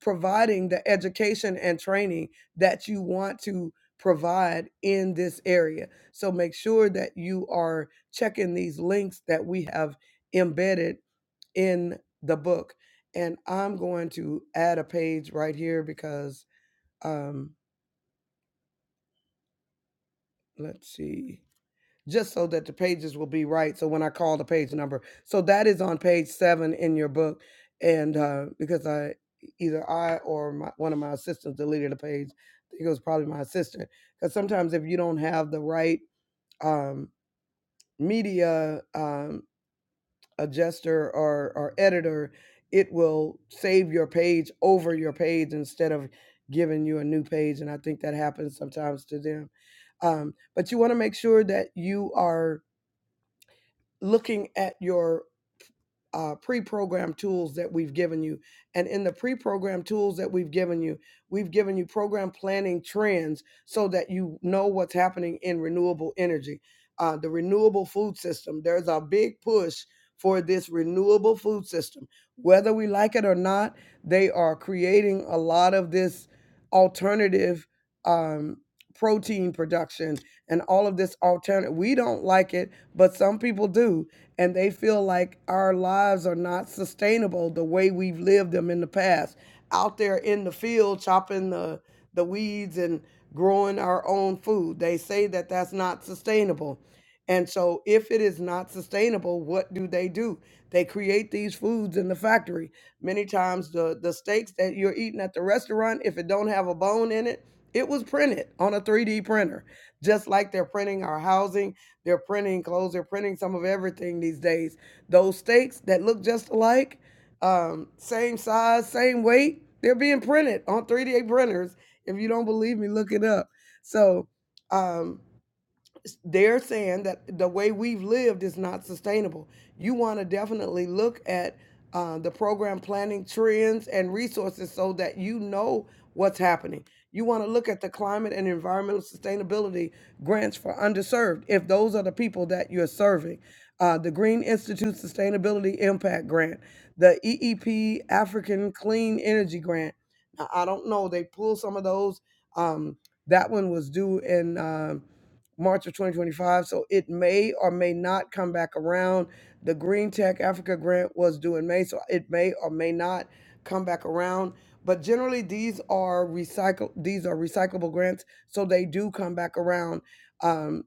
[SPEAKER 4] providing the education and training that you want to provide in this area. So make sure that you are checking these links that we have embedded in the book. And I'm going to add a page right here because um let's see. just so that the pages will be right. So when I call the page number, so that is on page seven in your book, and uh, because I either I or my, one of my assistants deleted the page, I think it was probably my assistant. Because sometimes if you don't have the right um, media um, adjuster or or editor, it will save your page over your page instead of giving you a new page, and I think that happens sometimes to them. Um, but you want to make sure that you are looking at your uh, pre-programmed tools that we've given you. And in the pre-programmed tools that we've given you, we've given you program planning trends so that you know what's happening in renewable energy. Uh, the renewable food system, there's a big push for this renewable food system. Whether we like it or not, they are creating a lot of this alternative um, protein production and all of this alternative. We don't like it but some people do and they feel like our lives are not sustainable the way we've lived them in the past out there in the field chopping the the weeds and growing our own food they say that that's not sustainable and so if it is not sustainable what do they do they create these foods in the factory many times the the steaks that you're eating at the restaurant if it don't have a bone in it it was printed on a 3d printer just like they're printing our housing they're printing clothes. They're printing some of everything these days. Those steaks that look just alike, um, same size, same weight, they're being printed on 3D printers. If you don't believe me, look it up. So um, they're saying that the way we've lived is not sustainable. You want to definitely look at uh, the program planning trends and resources so that you know what's happening. You want to look at the climate and environmental sustainability grants for underserved, if those are the people that you're serving. Uh, the Green Institute Sustainability Impact Grant, the EEP African Clean Energy Grant. Now, I don't know, they pulled some of those. Um, that one was due in. um March of 2025. So it may or may not come back around. The Green Tech Africa grant was due in May, so it may or may not come back around. But generally, these are recycle these are recyclable grants, so they do come back around. Um,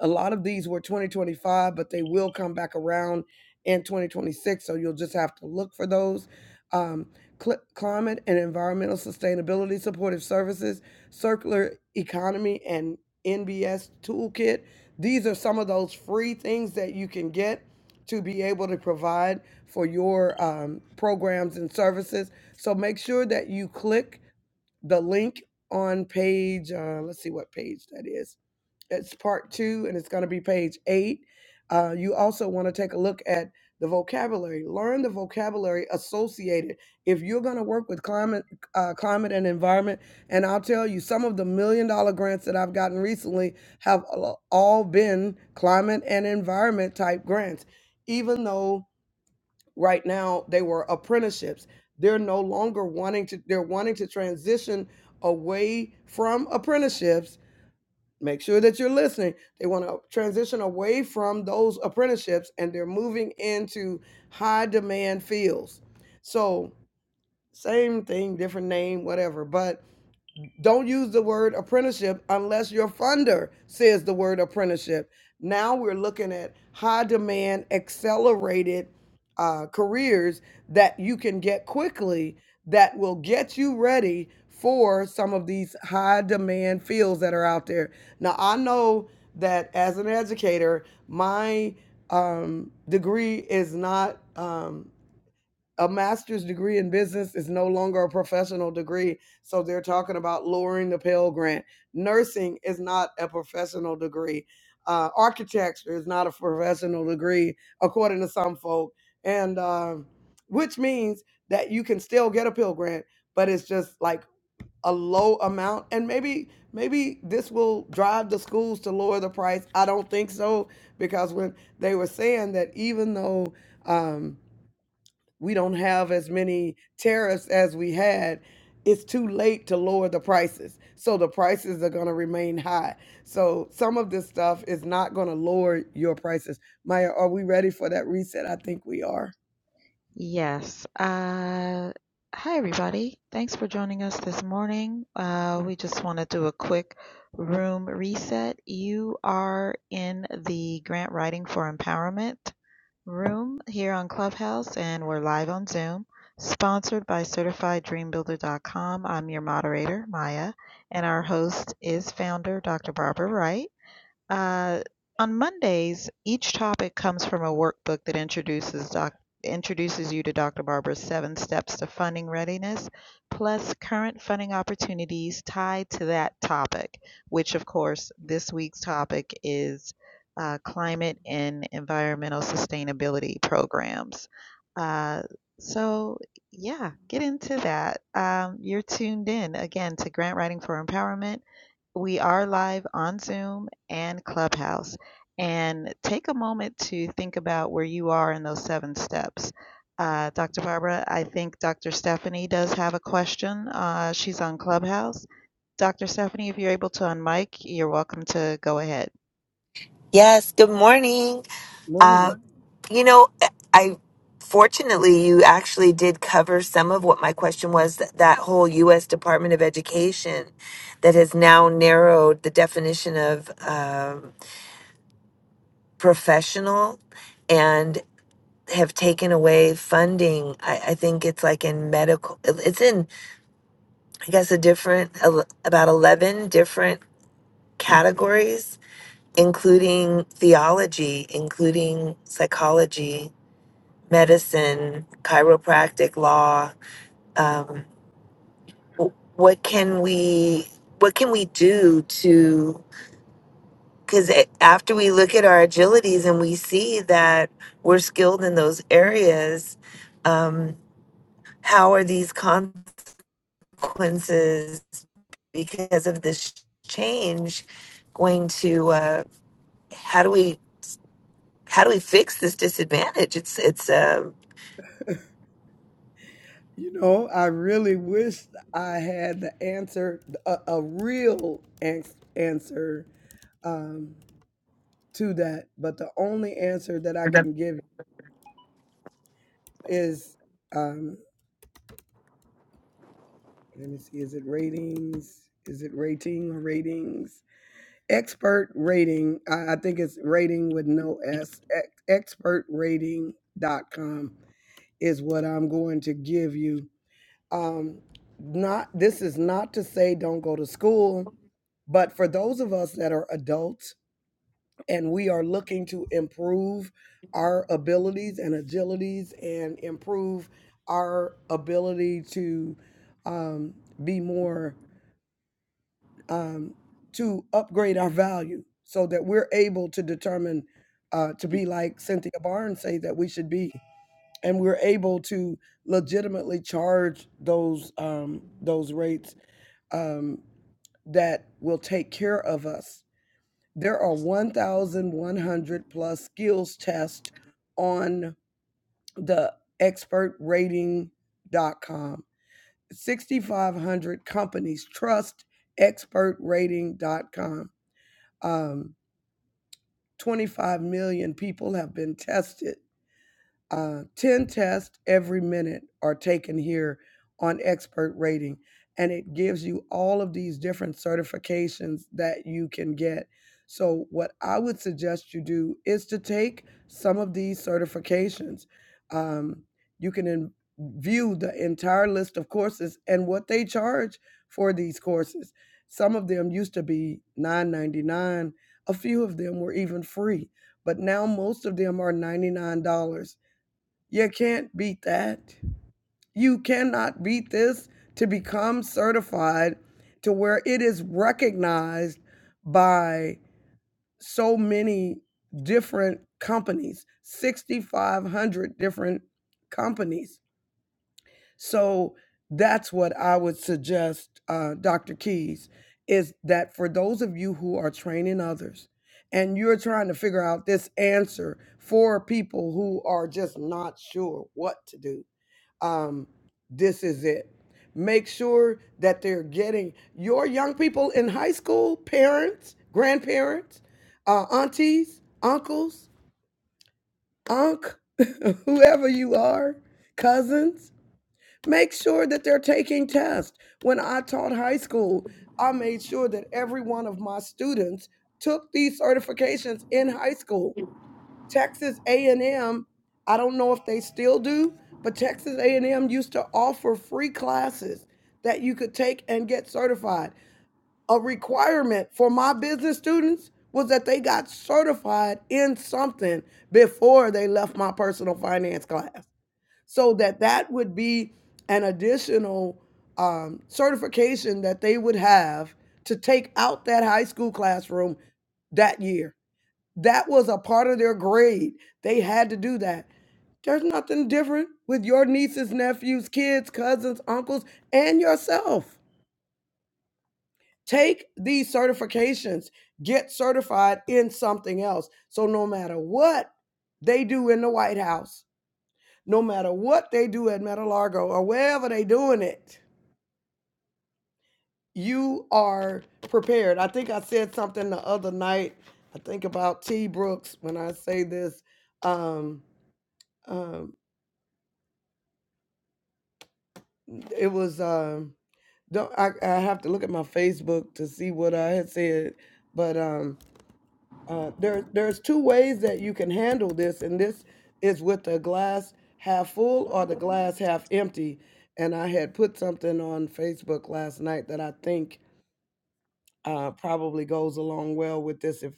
[SPEAKER 4] a lot of these were 2025, but they will come back around in 2026. So you'll just have to look for those. Um, cl- climate and environmental sustainability supportive services, circular economy, and NBS toolkit. These are some of those free things that you can get to be able to provide for your um, programs and services. So make sure that you click the link on page, uh, let's see what page that is it's part two, and it's going to be page eight. Uh, you also want to take a look at the vocabulary. Learn the vocabulary associated. If you're going to work with climate, uh, climate and environment, and I'll tell you, some of the million dollar grants that I've gotten recently have al- all been climate and environment type grants. Even though right now they were apprenticeships, they're no longer wanting to. They're wanting to transition away from apprenticeships Make sure that you're listening. They want to transition away from those apprenticeships and they're moving into high demand fields. So, same thing, different name, whatever. But don't use the word apprenticeship unless your funder says the word apprenticeship. Now we're looking at high demand, accelerated uh, careers that you can get quickly that will get you ready for some of these high demand fields that are out there. Now, I know that as an educator, my um, degree is not. um, a master's degree in business is no longer a professional degree. So they're talking about lowering the Pell Grant. Nursing is not a professional degree. Uh, architecture is not a professional degree, according to some folk. And um, which means that you can still get a Pell Grant, but it's just like a low amount. And maybe maybe this will drive the schools to lower the price. I don't think so because when they were saying that even though um, we don't have as many tariffs as we had, it's too late to lower the prices. So the prices are going to remain high. So some of this stuff is not going to lower your prices Maya, are we ready for that reset? I think we are.
[SPEAKER 3] Yes. Uh, hi, everybody. Thanks for joining us this morning. Uh, we just want to do a quick room reset. You are in the Grant Writing for Empowerment room here on Clubhouse, and we're live on Zoom, sponsored by CertifiedDreamBuilder.com. I'm your moderator, Maya, and our host is founder, Dr. Barbara Wright. Uh, on Mondays, each topic comes from a workbook that introduces doc introduces you to Dr. Barbara's seven steps to funding readiness, plus current funding opportunities tied to that topic, which of course this week's topic is uh, climate and environmental sustainability programs. Uh, so yeah, get into that. Um, you're tuned in again to Grant Writing for Empowerment we are live on Zoom and Clubhouse. And take a moment to think about where you are in those seven steps. Uh, Dr. Barbara, I think Dr. Stephanie does have a question. Uh, she's on Clubhouse. Dr. Stephanie, if you're able to unmic, you're welcome to go ahead.
[SPEAKER 5] Yes, good morning.
[SPEAKER 4] Morning.
[SPEAKER 5] Uh, you know, I fortunately you actually did cover some of what my question was that, that whole U.S. Department of Education that has now narrowed the definition of um, professional and have taken away funding. I, I think it's like in medical, it's in, I guess, a different, el- about 11 different categories, including theology, including psychology medicine, chiropractic, law. Um, w- what can we what can we do to because after we look at our agilities and we see that we're skilled in those areas, um, how are these consequences because of this change going to? Uh, how do we how do we fix this disadvantage? It's it's uh,
[SPEAKER 4] You know, I really wish I had the answer, a, a real ans- answer um, to that. But the only answer that I can give is, um, let me see, is it ratings? Is it rating or ratings? Expert rating. I, I think it's rating with no S. Ex- expertrating.com is what I'm going to give you. Um, not this is not to say don't go to school, but for those of us that are adults and we are looking to improve our abilities and agilities and improve our ability to um, be more um, to upgrade our value so that we're able to determine uh, to be like Cynthia Barnes say that we should be, and we're able to legitimately charge those um, those rates um, that will take care of us. There are 1,100 plus skills tests on the expert rating dot com. 6,500 companies trust expert rating dot com. Um, 25 million people have been tested Uh, 10 tests every minute are taken here on expert rating, and it gives you all of these different certifications that you can get. So, what I would suggest you do is to take some of these certifications. Um, you can in- view the entire list of courses and what they charge for these courses. Some of them used to be $9.99, a few of them were even free, but now most of them are $99. You can't beat that. You cannot beat this to become certified to where it is recognized by so many different companies, 6,500 different companies. So that's what I would suggest, uh, Dr. Keys, is that for those of you who are training others and you're trying to figure out this answer for people who are just not sure what to do um, this is it. Make sure that they're getting your young people in high school, parents, grandparents, uh, aunties, uncles, unc, whoever you are, cousins. Make sure that they're taking tests. When I taught high school, I made sure that every one of my students took these certifications in high school Texas A&M, I don't know if they still do, but Texas A&M used to offer free classes that you could take and get certified. A requirement for my business students was that they got certified in something before they left my personal finance class. So that that would be an additional um, certification that they would have to take out that high school classroom that year that was a part of their grade. They had to do that. There's nothing different with your nieces, nephews, kids, cousins, uncles, and yourself. Take these certifications, get certified in something else. So, no matter what they do in the White House, no matter what they do at Meta Largo or wherever they doing it, you are prepared. I think I said something the other night. I think about T. Brooks when I say this. Um, um, It was um don't I, I have to look at my Facebook to see what I had said, but um uh there there's two ways that you can handle this and this is with the glass half full or the glass half empty. And I had put something on Facebook last night that I think uh probably goes along well with this if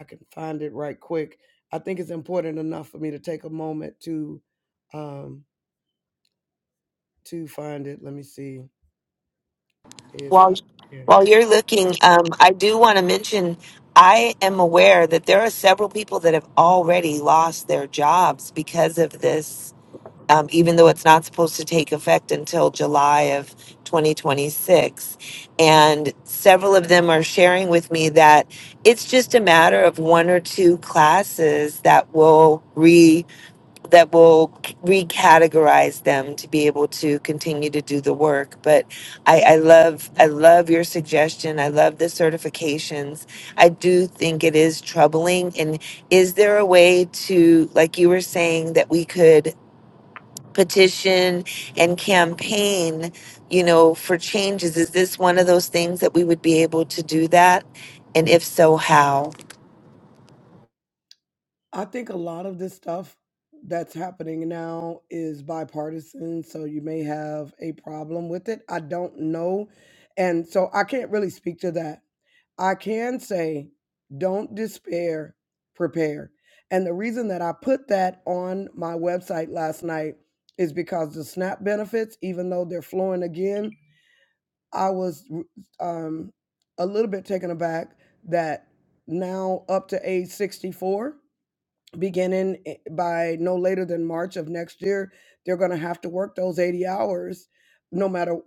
[SPEAKER 4] I can find it right quick. I think it's important enough for me to take a moment to um to find it. Let me see if
[SPEAKER 5] While
[SPEAKER 4] I can.
[SPEAKER 5] while you're looking, um, I do want to mention I am aware that there are several people that have already lost their jobs because of this, um, even though it's not supposed to take effect until July of 2026. And several of them are sharing with me that it's just a matter of one or two classes that will that will c- recategorize them to be able to continue to do the work but I, I love i love your suggestion i love the certifications i do think it is troubling and is there a way to like you were saying that we could petition and campaign you know for changes is this one of those things that we would be able to do that and if so how
[SPEAKER 4] I think a lot of this stuff that's happening now is bipartisan, so you may have a problem with it. I don't know. And so I can't really speak to that. I can say, don't despair, prepare. And the reason that I put that on my website last night is because the SNAP benefits, even though they're flowing again, I was r- um, a little bit taken aback that now up to age 64 beginning i- by no later than March of next year, they're going to have to work those 80 hours, no matter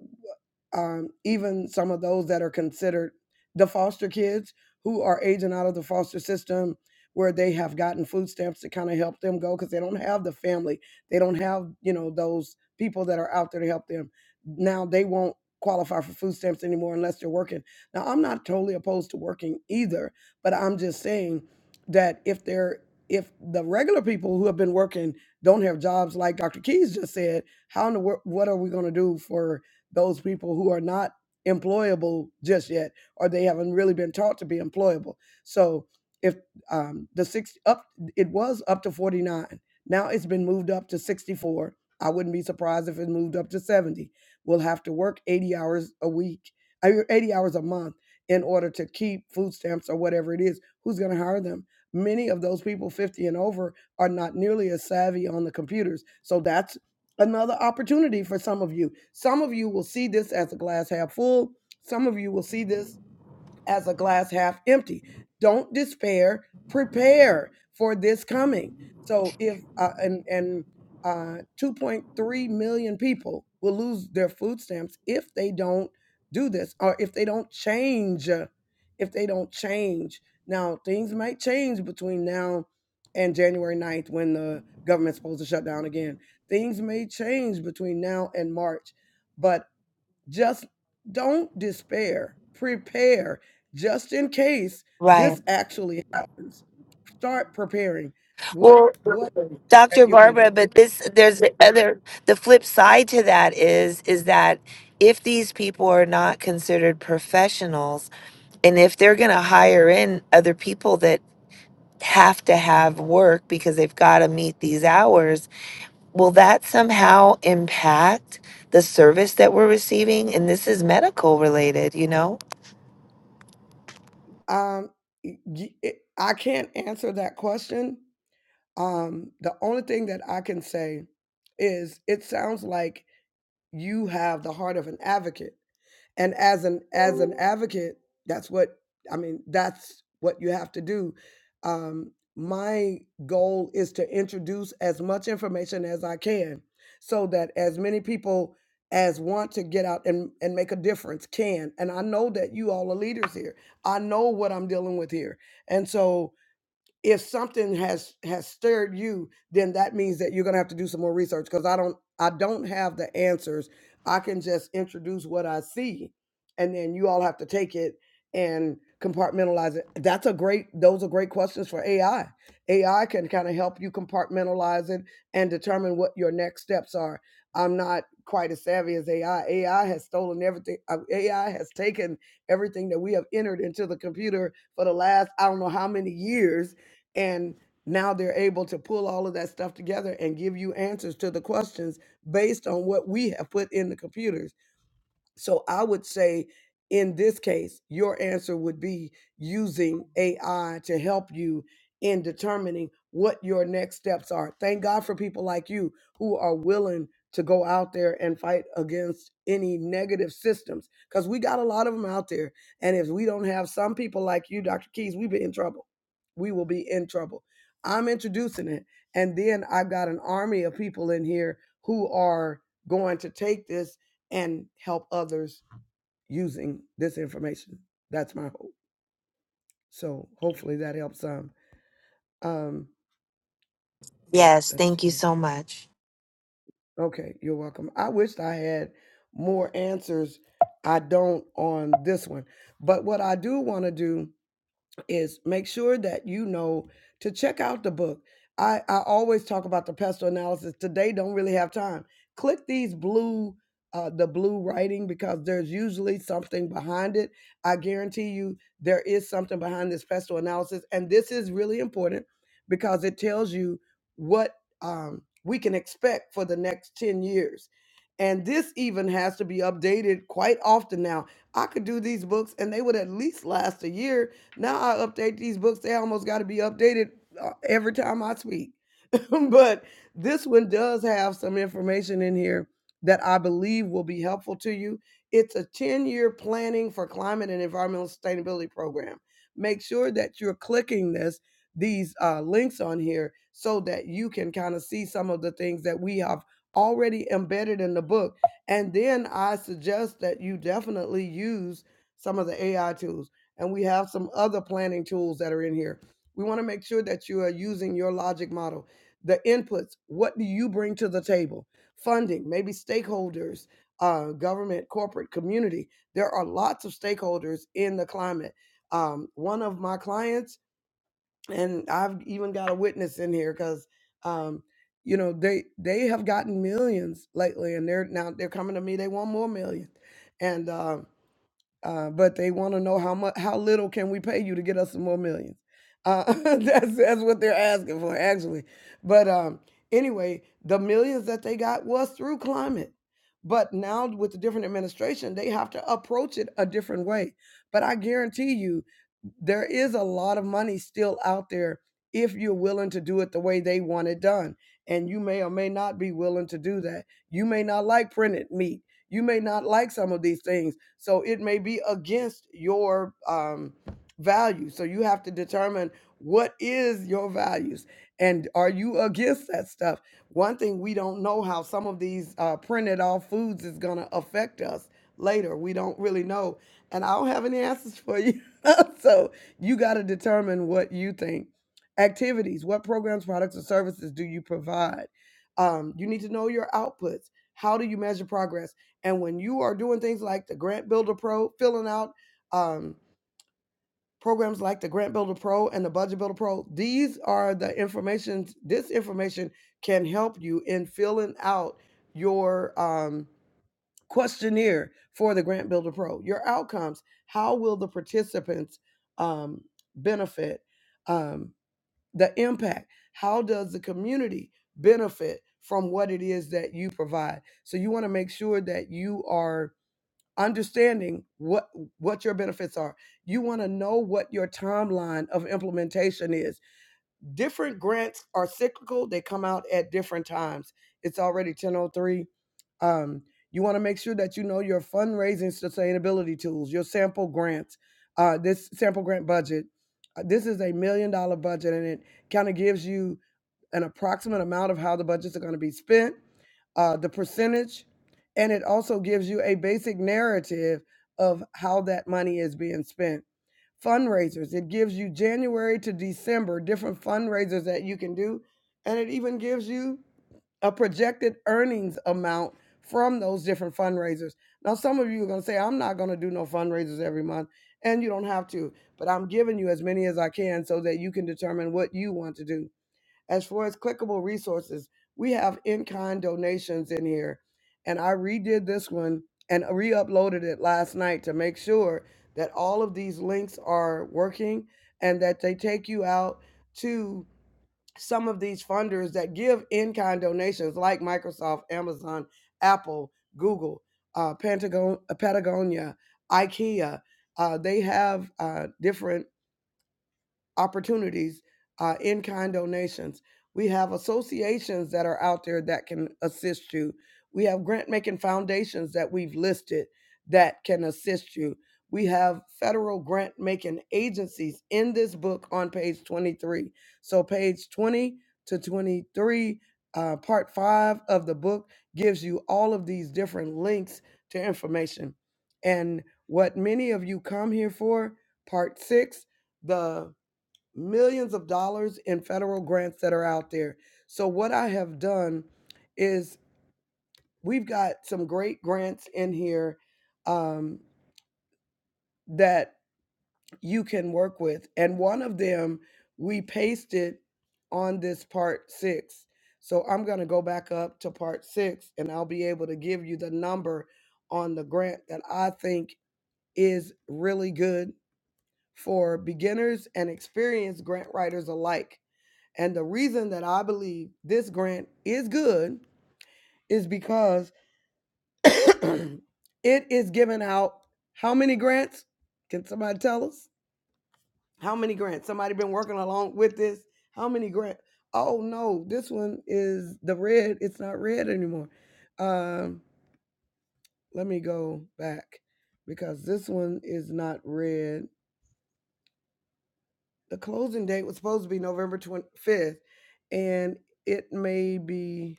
[SPEAKER 4] um, even some of those that are considered the foster kids who are aging out of the foster system where they have gotten food stamps to kind of help them go because they don't have the family they don't have you know those people that are out there to help them now they won't qualify for food stamps anymore unless they're working now i'm not totally opposed to working either but i'm just saying that if there if the regular people who have been working don't have jobs like Dr. Keys just said, how in the world, what are we going to do for those people who are not employable just yet, or they haven't really been taught to be employable? So if um, the six up, it was up to 49. Now it's been moved up to 64. I wouldn't be surprised if it moved up to 70. We'll have to work 80 hours a week, I mean, 80 hours a month in order to keep food stamps or whatever it is. Who's going to hire them? Many of those people 50 and over are not nearly as savvy on the computers. So that's another opportunity for some of you. Some of you will see this as a glass half full. Some of you will see this as a glass half empty. Don't despair. Prepare for this coming. So if uh, and and uh, 2.3 million people will lose their food stamps if they don't do this or if they don't change. uh, If they don't change now, things might change between now and January ninth when the government's supposed to shut down again. Things may change between now and March, but just don't despair. Prepare just in case this actually happens. Start preparing. What
[SPEAKER 5] Well,
[SPEAKER 4] what that
[SPEAKER 5] Dr.
[SPEAKER 4] you're gonna do?
[SPEAKER 5] Barbara, but this there's the other the flip side to that is is that if these people are not considered professionals and if they're going to hire in other people that have to have work because they've got to meet these hours, will that somehow impact the service that we're receiving and this is medical related, you know?
[SPEAKER 4] Um, y- it- I can't answer that question. Um, the only thing that I can say is it sounds like you have the heart of an advocate, and as an an advocate, that's what I mean, that's what you have to do. Um, my goal is to introduce as much information as I can so that as many people as want to get out and, and make a difference can. And I know that you all are leaders here. I know what I'm dealing with here. And so if something has has stirred you then that means that you're going to have to do some more research because i don't i don't have the answers i can just introduce what i see and then you all have to take it and compartmentalize it that's a great those are great questions for ai ai can kind of help you compartmentalize it and determine what your next steps are i'm not quite as savvy as ai ai has stolen everything uh, ai has taken everything that we have entered into the computer for the last i don't know how many years and now they're able to pull all of that stuff together and give you answers to the questions based on what we have put in the computers so I would say in this case, your answer would be using AI to help you in determining what your next steps are. Thank God for people like you who are willing to go out there and fight against any negative systems because we got a lot of them out there. And if we don't have some people like you, Dr. Keys, we'd be in trouble. We will be in trouble. I'm introducing it. And then I've got an army of people in here who are going to take this and help others using this information. That's my hope. So hopefully that helps some. Um,
[SPEAKER 5] Yes,
[SPEAKER 4] let's
[SPEAKER 5] thank you
[SPEAKER 4] see.
[SPEAKER 5] so much.
[SPEAKER 4] Okay, you're welcome. I wished I had more answers. I don't on this one. But what I do want to do is make sure that you know to check out the book. I, I always talk about the pestle analysis. Today don't really have time. Click these blue uh the blue writing because there's usually something behind it. I guarantee you there is something behind this pestle analysis. And this is really important because it tells you what um we can expect for the next 10 years. And this even has to be updated quite often now. I could do these books and they would at least last a year now I update these books. They almost got to be updated uh, every time I speak. but this one does have some information in here that I believe will be helpful to you. It's a 10 year planning for climate and environmental sustainability program. Make sure that you're clicking this these uh, links on here so that you can kind of see some of the things that we have already embedded in the book. And then I suggest that you definitely use some of the AI tools. And we have some other planning tools that are in here. We want to make sure that you are using your logic model the inputs what do you bring to the table funding maybe stakeholders uh, government corporate community there are lots of stakeholders in the climate um, one of my clients and i've even got a witness in here because um, you know they they have gotten millions lately and they're now they're coming to me they want more million and um uh, but they want to know how much, how little can we pay you to get us some more millions? Uh, that's that's what they're asking for, actually. But um, anyway, the millions that they got was through climate, but now with the different administration, they have to approach it a different way. But I guarantee you, there is a lot of money still out there if you're willing to do it the way they want it done. And you may or may not be willing to do that. You may not like printed meat you may not like some of these things, so it may be against your um, value. So you have to determine what is your values and are you against that stuff. One thing we don't know how some of these uh, printed off foods is going to affect us later. We don't really know, and I don't have any answers for you. so you got to determine what you think. Activities: What programs, products, or services do you provide? Um, you need to know your outputs. How do you measure progress? And when you are doing things like the Grant Builder Pro, filling out um, programs like the Grant Builder Pro and the Budget Builder Pro, these are the information. This information can help you in filling out your um, questionnaire for the Grant Builder Pro. Your outcomes. How will the participants um, benefit? Um, the impact. How does the community benefit from what it is that you provide? So you want to make sure that you are understanding what what your benefits are you want to know what your timeline of implementation is different grants are cyclical they come out at different times it's already 1003 um, you want to make sure that you know your fundraising sustainability tools your sample grants uh, this sample grant budget uh, this is a million dollar budget and it kind of gives you an approximate amount of how the budgets are going to be spent uh, the percentage, and it also gives you a basic narrative of how that money is being spent. Fundraisers, it gives you January to December different fundraisers that you can do, and it even gives you a projected earnings amount from those different fundraisers. Now, some of you are going to say, I'm not going to do no fundraisers every month, and you don't have to, but I'm giving you as many as I can so that you can determine what you want to do. As far as clickable resources, we have in kind donations in here. And I redid this one and re uploaded it last night to make sure that all of these links are working and that they take you out to some of these funders that give in kind donations like Microsoft, Amazon, Apple, Google, uh, Pentagon, uh, Patagonia, IKEA. Uh, they have uh, different opportunities, uh, in kind donations. We have associations that are out there that can assist you. We have grant making foundations that we've listed that can assist you. We have federal grant making agencies in this book on page 23. So, page 20 to 23, uh, part five of the book gives you all of these different links to information. And what many of you come here for, part six, the millions of dollars in federal grants that are out there. So what I have done is we've got some great grants in here um, that you can work with, and one of them we pasted on this part six. So I'm going to go back up to part six, and I'll be able to give you the number on the grant that I think is really good for beginners and experienced grant writers alike And the reason that I believe this grant is good is because it is giving out how many grants? Can somebody tell us? How many grants? Somebody been working along with this? How many grants? Oh no, this one is the red. It's not red anymore. Um, let me go back because this one is not red. The closing date was supposed to be November 25th, and it may be.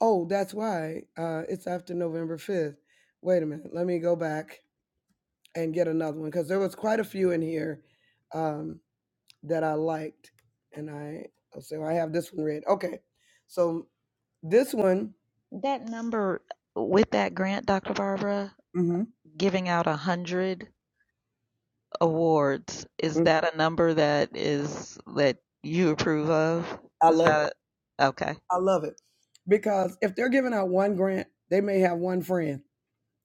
[SPEAKER 4] Oh, that's why uh, it's after November 5th. Wait a minute. Let me go back and get another one because there was quite a few in here um, that I liked. And I, oh, so I have this one read. Okay. So this one,
[SPEAKER 3] That number with that grant, Dr. Barbara,
[SPEAKER 4] hmm
[SPEAKER 3] giving out a hundred awards, is that a number that is that you approve of?
[SPEAKER 4] I
[SPEAKER 3] Is
[SPEAKER 4] love it.
[SPEAKER 3] that a, okay?
[SPEAKER 4] I love it because if they're giving out one grant, they may have one friend.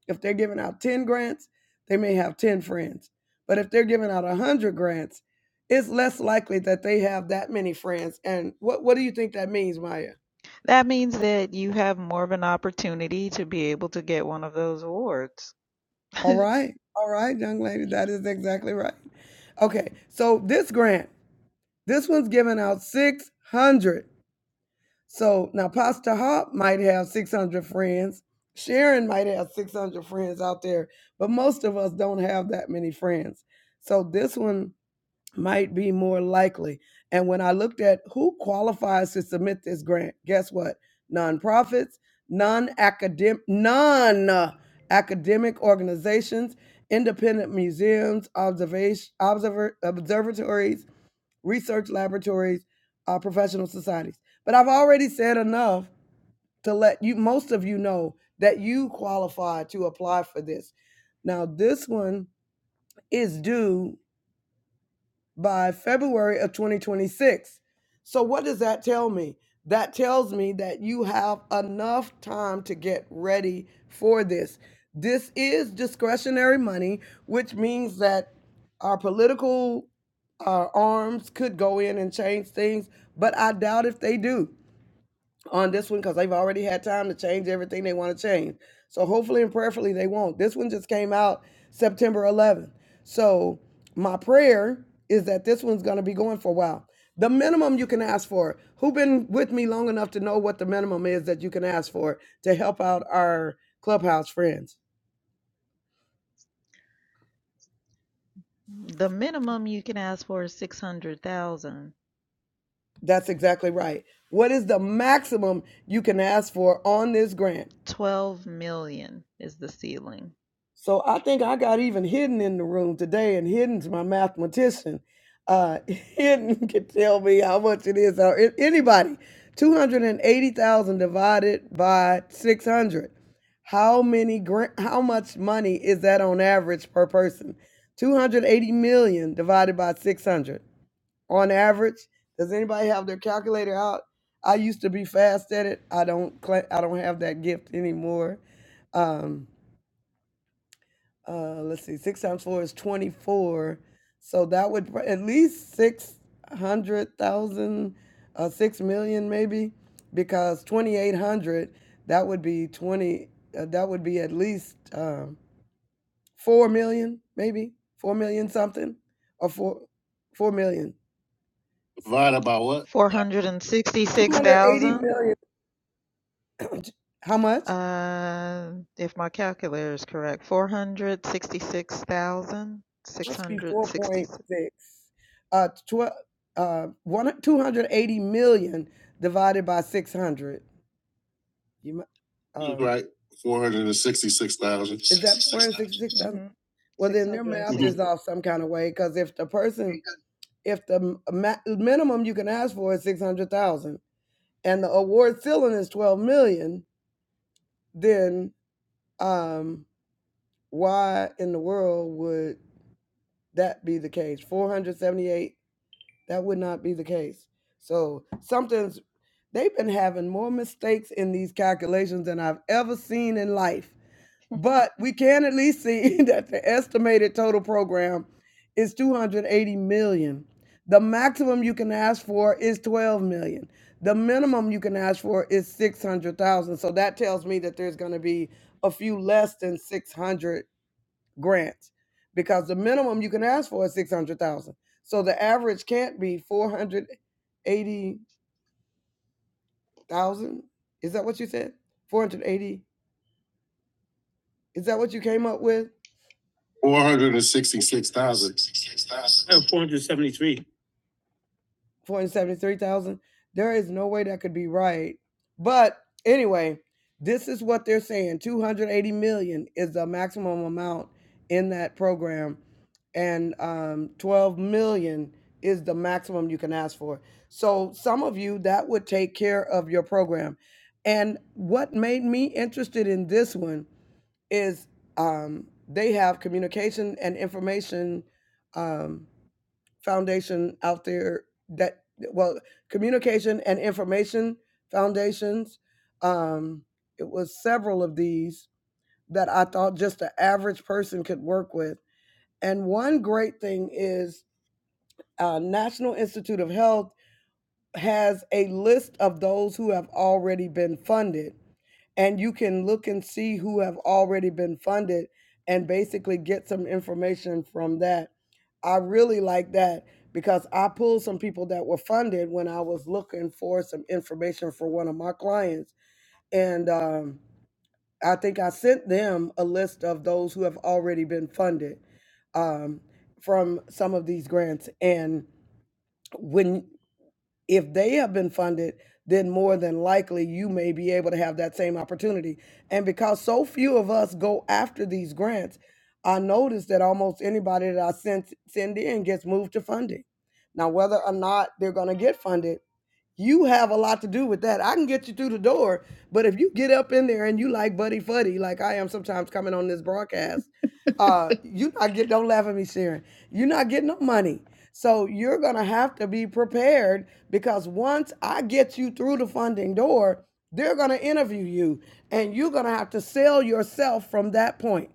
[SPEAKER 4] If they're giving out 10 grants, they may have 10 friends. But if they're giving out 100 grants, it's less likely that they have that many friends. And what, what do you think that means, Maya?
[SPEAKER 3] That means that you have more of an opportunity to be able to get one of those awards.
[SPEAKER 4] All right. All right, young lady. That is exactly right. Okay. So this grant, this one's giving out 600. So now Pastor Hop might have 600 friends. Sharon might have 600 friends out there, but most of us don't have that many friends. So this one might be more likely. And when I looked at who qualifies to submit this grant, guess what? Nonprofits, non-academic, non-academic organizations, independent museums, observation, observer, observatories, research laboratories, uh, professional societies. But I've already said enough to let you, most of you know that you qualify to apply for this. Now, this one is due by February of 2026. So, what does that tell me? That tells me that you have enough time to get ready for this. This is discretionary money, which means that our political uh, arms could go in and change things, but I doubt if they do on this one because they've already had time to change everything they want to change. So hopefully and prayerfully they won't. This one just came out September 11th. So my prayer is that this one's going to be going for a while. The minimum you can ask for. Who been with me long enough to know what the minimum is that you can ask for to help out our clubhouse friends?
[SPEAKER 3] The minimum you can ask for is 600,000.
[SPEAKER 4] That's exactly right. What is the maximum you can ask for on this grant?
[SPEAKER 3] 12 million is the ceiling.
[SPEAKER 4] So I think I got even Hidden in the room today, and Hidden's my mathematician. Uh, Hidden can tell me how much it is. Or a- anybody, two hundred and eighty thousand divided by six hundred. How many? gra- How much money is that on average per person? Two hundred eighty million divided by six hundred on average. Does anybody have their calculator out? I used to be fast at it. I don't. cla- I don't have that gift anymore. Um, uh let's see six times four is 24 so that would pr- at least 600000 uh 6 million maybe because 2800 that would be 20 uh, that would be at least um 4 million maybe 4 million something or 4 4 million Divided by what? 280
[SPEAKER 3] 466,000,
[SPEAKER 4] million how much
[SPEAKER 3] uh, if my calculator is correct.
[SPEAKER 4] must be 4.6
[SPEAKER 3] 466,666.
[SPEAKER 4] uh 12 uh one 280 million divided by 600 you mu- um right. Four hundred and sixty-six thousand. is that 466,000?
[SPEAKER 3] Mm-hmm.
[SPEAKER 4] Well,
[SPEAKER 3] Six
[SPEAKER 4] then their
[SPEAKER 3] hundred
[SPEAKER 4] math
[SPEAKER 3] sixty.
[SPEAKER 4] is off some kind of way because if the person, if the m- ma- minimum you can ask for is 600,000 and the award ceiling is 12 million, then um, why in the world would that be the case? Four hundred seventy eight. That would not be the case. So something's they've been having more mistakes in these calculations than I've ever seen in life. But we can at least see that the estimated total program is 280 million. The maximum you can ask for is 12 million. The minimum you can ask for is 600,000. So that tells me that there's going to be a few less than 600 grants because the minimum you can ask for is 600,000. So the average can't be 480,000. Is that what you said? 480. Is that what you came up with? Four hundred and sixty-six thousand. four hundred seventy-three. four hundred seventy-three thousand. There is no way that could be right. But anyway, this is what they're saying: two hundred eighty million is the maximum amount in that program, and um, twelve million is the maximum you can ask for. So some of you that would take care of your program. And what made me interested in this one is um, they have communication and information. Um, foundation out there that well communication and information foundations um it was several of these that i thought just the average person could work with and one great thing is uh, national institute of health has a list of those who have already been funded and you can look and see who have already been funded and basically get some information from that. I really like that because I pulled some people that were funded when I was looking for some information for one of my clients. And um, I think I sent them a list of those who have already been funded um, from some of these grants. And when if they have been funded, then more than likely you may be able to have that same opportunity. And because so few of us go after these grants, I notice that almost anybody that I send send in gets moved to funding. Now, whether or not they're going to get funded you have a lot to do with that. I can get you through the door, but if you get up in there and you like buddy fuddy, like I am sometimes coming on this broadcast, uh, you not get don't laugh at me, Sharon. You're not getting no money. So you're gonna have to be prepared because once I get you through the funding door, they're gonna interview you and you're gonna have to sell yourself from that point.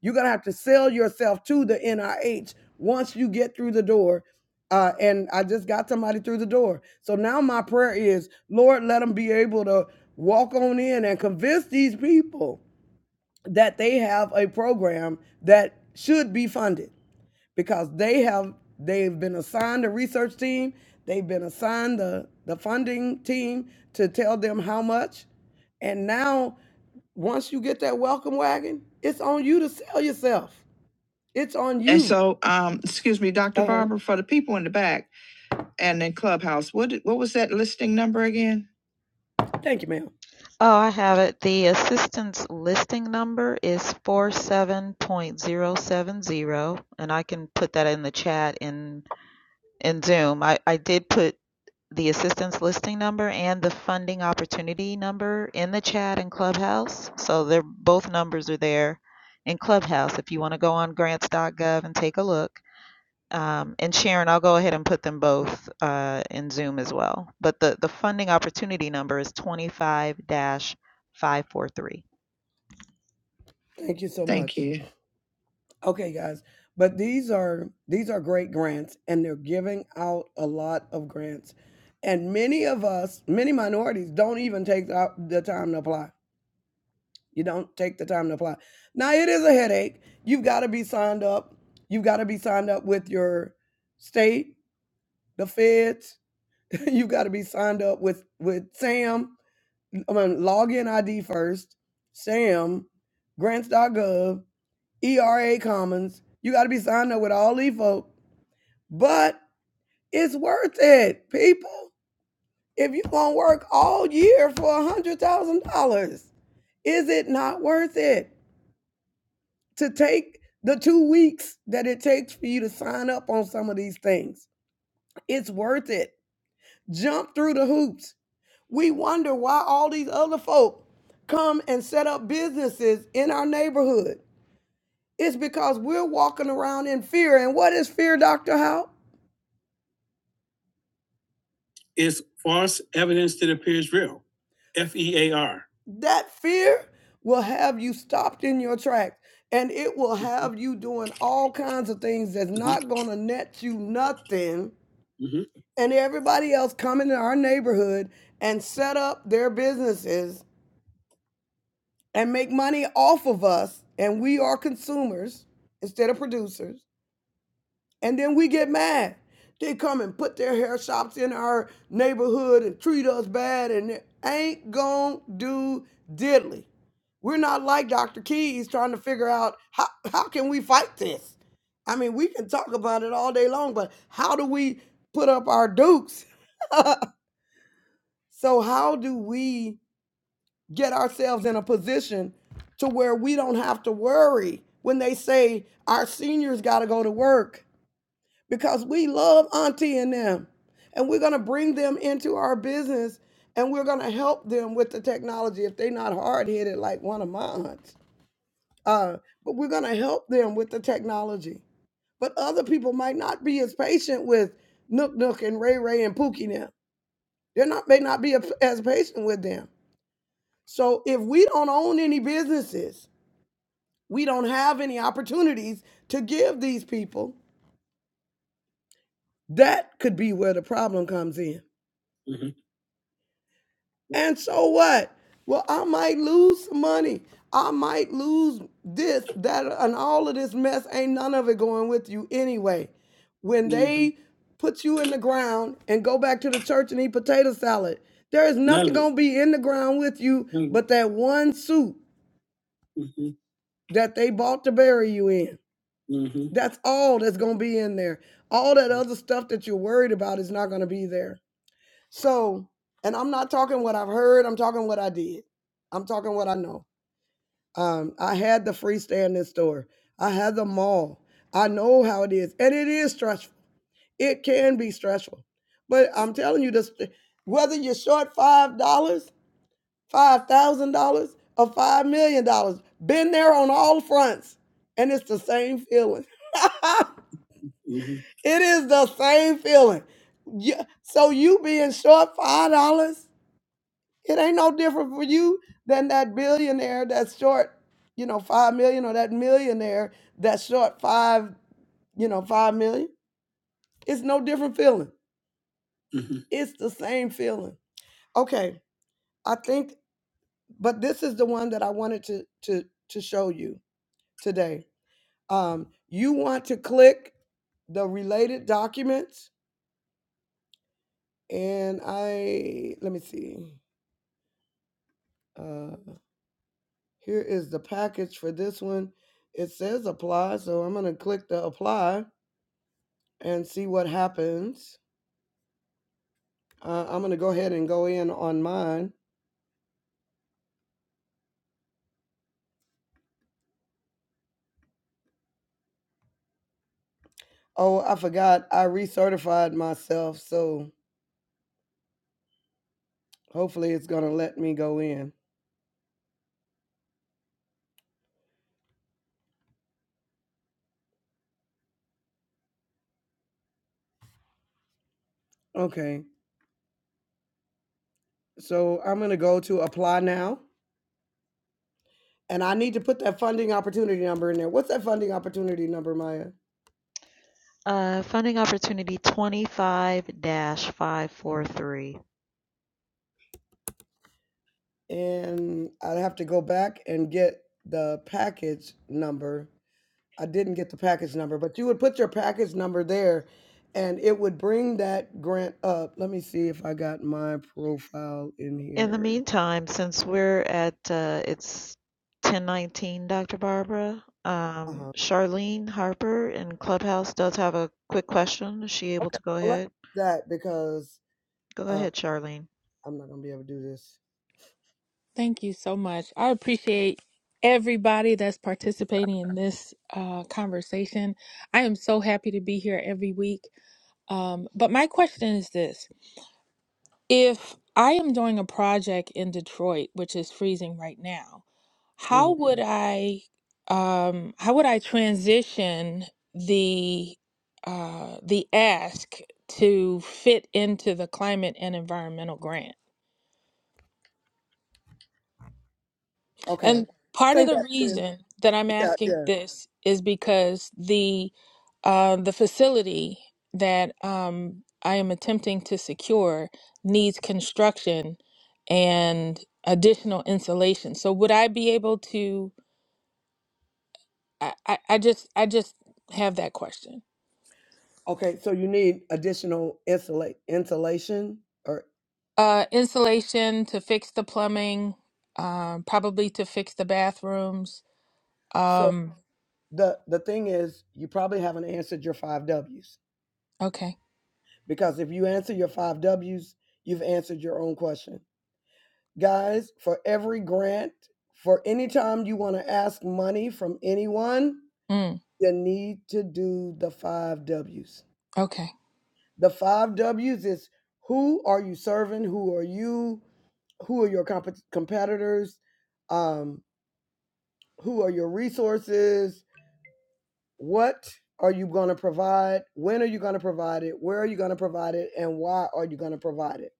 [SPEAKER 4] You're gonna have to sell yourself to the NIH once you get through the door. Uh, and I just got somebody through the door. So now my prayer is, Lord, let them be able to walk on in and convince these people that they have a program that should be funded because they have they've been assigned a research team, they've been assigned the the funding team to tell them how much. And now once you get that welcome wagon, it's on you to sell yourself. It's on you. And so, um, excuse me, Dr. Uh-huh. Barber, for the people in the back and in Clubhouse, what what was that listing number again? Thank you, ma'am.
[SPEAKER 3] Oh, I have it. The assistance listing number is four seven point zero seven zero, and I can put that in the chat in in Zoom. I, I did put the assistance listing number and the funding opportunity number in the chat in Clubhouse. So they're both numbers are there in Clubhouse if you want to go on grants.gov and take a look. Um, and Sharon, I'll go ahead and put them both uh, in Zoom as well. But the, the funding opportunity number is 25 543.
[SPEAKER 4] Thank you so Thank much. you. Okay, guys, but these are these are great grants, and they're giving out a lot of grants, and many of us, many minorities, don't even take the op- the time to apply. You don't take the time to apply. Now it is a headache. You've got to be signed up. You've got to be signed up with your state, the feds. You've got to be signed up with with SAM. I mean, log in ID first, SAM, grants.gov. ERA Commons. You got to be signed up with all these folks, but it's worth it, people. If you're gonna work all year for a hundred thousand dollars, is it not worth it to take the two weeks that it takes for you to sign up on some of these things? It's worth it. Jump through the hoops. We wonder why all these other folk come and set up businesses in our neighborhood. It's because we're walking around in fear. And what is fear, Dr. Howe? is false evidence that appears real. F E A R. That fear will have you stopped in your tracks and it will have you doing all kinds of things that's Mhm, not going to net you nothing. mhm, And everybody else come into our neighborhood and set up their businesses and make money off of us. And we are consumers instead of producers. And then we get mad. They come and put their hair shops in our neighborhood and treat us bad and it ain't gonna do diddly. We're not like Dr. Keys trying to figure out how, how can we fight this? I mean, we can talk about it all day long, but how do we put up our dukes? So how do we get ourselves in a position to where we don't have to worry when they say our seniors gotta go to work? because we love Auntie and them. And we're going to bring them into our business and we're going to help them with the technology if they're not hard headed like one of my aunts. Uh, but we're going to help them with the technology. But other people might not be as patient with Nook Nook and Ray Ray and Pookie now. They're not may not be as patient with them. So if we don't own any businesses, we don't have any opportunities to give these people. That could be where the problem comes in Mm-hmm. And so what? Well, I might lose some money. I might lose this, that, and all of this mess. Ain't none of it going with you anyway. When hmm they put you in the ground and go back to the church and eat potato salad, there is nothing None going to be in the ground with you but that one suit it. that they bought to bury you in. hmm hmm That's all that's going to be in there. All that other stuff that you're worried about is not going to be there. So, and I'm not talking what I've heard, I'm talking what I did. I'm talking what I know. Um, I had the freestanding store, I had the mall. I know how it is. And it is stressful. It can be stressful. But I'm telling you this whether you're short five dollars, five thousand dollars, or five million dollars, been there on all fronts. And it's the same feeling. Mhm. It is the same feeling. Yeah. So you being short five dollars. It ain't no different for you than that billionaire that's short, you know, five million or that millionaire that's short five, you know, five million. It's no different feeling. It's the same feeling. Okay. I think, but this is the one that I wanted to to to show you today. Um, you want to click the related documents and I let me see. Uh here is the package for this one. It says apply, so I'm gonna click the apply and see what happens. Uh, I'm going to go ahead and go in on mine. Oh, I forgot. I recertified myself, so hopefully it's going to let me go in. Okay. So I'm going to go to apply now. And I need to put that funding opportunity number in there. What's that funding opportunity number, Maya?
[SPEAKER 3] Uh, funding opportunity 25 543.
[SPEAKER 4] And I'd have to go back and get the package number I didn't get the package number, but you would put your package number there and it would bring that grant up. Let me see if I got my profile in
[SPEAKER 3] In the
[SPEAKER 4] here.
[SPEAKER 3] meantime, since we're at uh, it's 1019, Dr. Barbara, um,
[SPEAKER 4] Uh-huh.
[SPEAKER 3] Charlene Harper in Clubhouse does have a quick question. Is she able to go
[SPEAKER 4] Well, Let's
[SPEAKER 3] ahead?
[SPEAKER 4] do that because
[SPEAKER 3] Go
[SPEAKER 4] uh,
[SPEAKER 3] ahead, Charlene.
[SPEAKER 4] I'm not going to be able to do this.
[SPEAKER 6] Thank you so much. I appreciate everybody that's participating in this uh, conversation. I am so happy to be here every week. Um, but my question is this if I am doing a project in Detroit, which is freezing right now, how
[SPEAKER 4] Mhm.
[SPEAKER 6] would I um, how would I transition the uh, the ask to fit into the climate and environmental grant?
[SPEAKER 4] Okay.
[SPEAKER 6] And part
[SPEAKER 4] Say
[SPEAKER 6] of the
[SPEAKER 4] that then.
[SPEAKER 6] reason that I'm
[SPEAKER 4] Yeah,
[SPEAKER 6] asking
[SPEAKER 4] yeah.
[SPEAKER 6] this is because the uh, the facility that um, I am attempting to secure needs construction and additional insulation. So would I be able to? I, I, I just I just have that question.
[SPEAKER 4] Okay, so you need additional insulate insulation or
[SPEAKER 6] Uh, insulation to fix the plumbing, um, probably to fix the bathrooms.
[SPEAKER 4] so
[SPEAKER 6] Um,
[SPEAKER 4] the the thing is you probably haven't answered your five w's
[SPEAKER 6] okay.
[SPEAKER 4] because if you answer your five w's you've answered your own question guys for every grant for any time you want to ask money from anyone
[SPEAKER 6] Mm,
[SPEAKER 4] you need to do the five w's
[SPEAKER 6] okay.
[SPEAKER 4] the five w's is who are you serving who are you who are your comp- competitors um, who are your resources What are you going to provide? When are you going to provide it? Where are you going to provide it? And why are you going to provide it?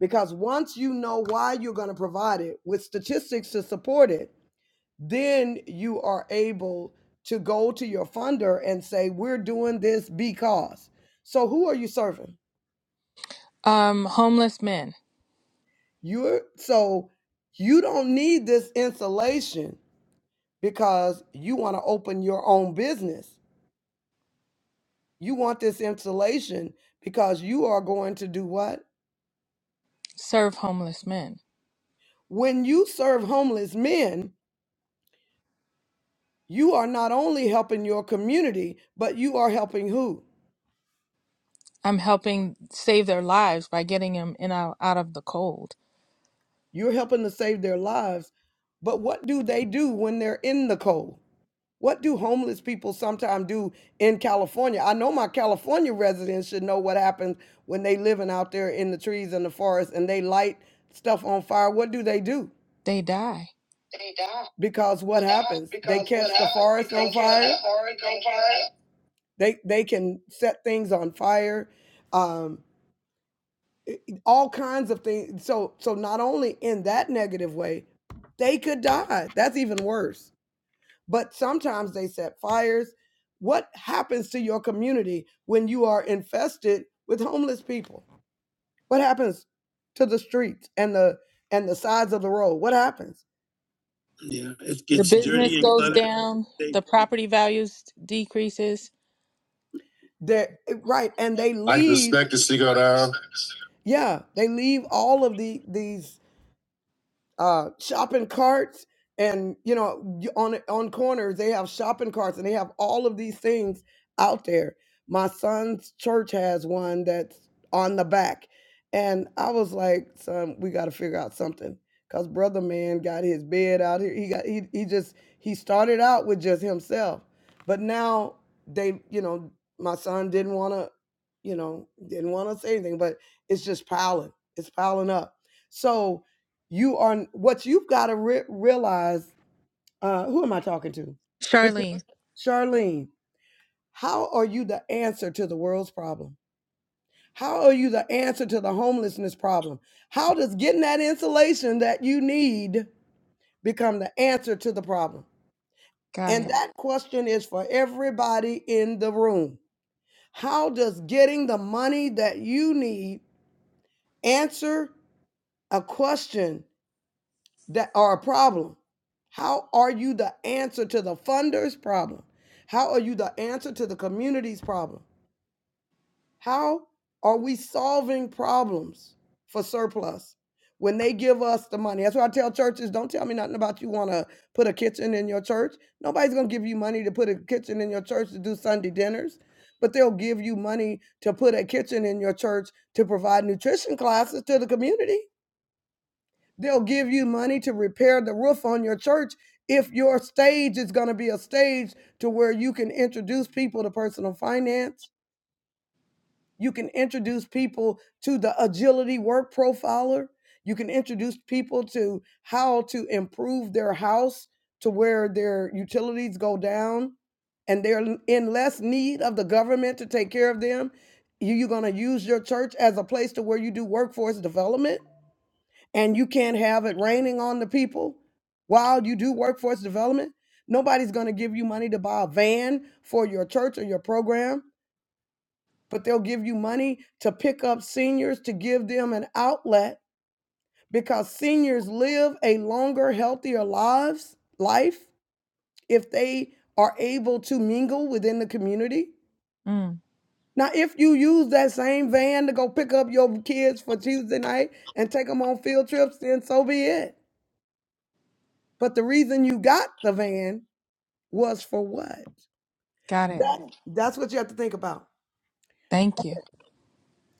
[SPEAKER 4] Because once you know why you're going to provide it with statistics to support it, then you are able to go to your funder and say, We're doing this because. So, who are you serving?
[SPEAKER 6] Um, homeless men.
[SPEAKER 4] You're so you don't need this insulation because you want to open your own business. You want this insulation because you are going to do what?
[SPEAKER 6] serve homeless men.
[SPEAKER 4] When you serve homeless men, you are not only helping your community, but you are helping who?
[SPEAKER 6] I'm helping save their lives by getting them in out, out of the cold.
[SPEAKER 4] You're helping to save their lives. But what do they do when they're in the cold? What do homeless people sometimes do in California? I know my California residents should know what happens when they living out there in the trees and the forest and they light stuff on fire. What do they do?
[SPEAKER 6] They die.
[SPEAKER 4] Because what happens? they catch the forest on fire. They they can set things on fire. Um, it- all kinds of things. So so not only in that negative way, they could die. That's even worse. But sometimes they set fires. What happens to your community when you are infested with homeless people? What happens to the streets and the and the sides of the road? What happens? Yeah, it
[SPEAKER 6] The
[SPEAKER 4] gets
[SPEAKER 6] business
[SPEAKER 4] dirty and
[SPEAKER 6] goes
[SPEAKER 4] cluttered.
[SPEAKER 6] down.
[SPEAKER 4] They,
[SPEAKER 6] The property values decreases.
[SPEAKER 4] right, and they Life leave. expectancy go down. Yeah, they leave all of the these uh, shopping carts and you know on on corners they have shopping carts and they have all of these things out there my son's church has one that's on the back and i was like son we got to figure out something because brother man got his bed out here he got he, he just he started out with just himself but now they you know my son didn't want to you know didn't want to say anything but it's just piling it's piling up so you are what you've got to re- realize uh who am i talking to what's your,
[SPEAKER 6] Charlene,
[SPEAKER 4] charlene how are you the answer to the world's problem how are you the answer to the homelessness problem how does getting that insulation that you need become the answer to the problem
[SPEAKER 6] got
[SPEAKER 4] and
[SPEAKER 6] it.
[SPEAKER 4] that question is for everybody in the room how does getting the money that you need answer a question that are a problem? How are you the answer to the funders' problem? How are you the answer to the community's problem? How are we solving problems for surplus when they give us the money? That's why I tell churches don't tell me nothing about you want to put a kitchen in your church. Nobody's going to give you money to put a kitchen in your church to do Sunday dinners, but they'll give you money to put a kitchen in your church to provide nutrition classes to the community They'll give you money to repair the roof on your church if your stage is going to be a stage to where you can introduce people to personal finance. You can introduce people to the agility work profiler. You can introduce people to how to improve their house to where their utilities go down and they're in less need of the government to take care of them. You- You're going to use your church as a place to where you do workforce development and you can't have it raining on the people while you do workforce development. Nobody's going to give you money to buy a van for your church or your program, but they'll give you money to pick up seniors to give them an outlet because seniors live a longer, healthier lives life if they are able to mingle within the community.
[SPEAKER 6] Mm,
[SPEAKER 4] Now, if you use that same van to go pick up your kids for Tuesday night and take them on field trips, then so be it. But the reason you got the van was for what?
[SPEAKER 6] got it.
[SPEAKER 4] That, that's what you have to think about.
[SPEAKER 6] Thank you.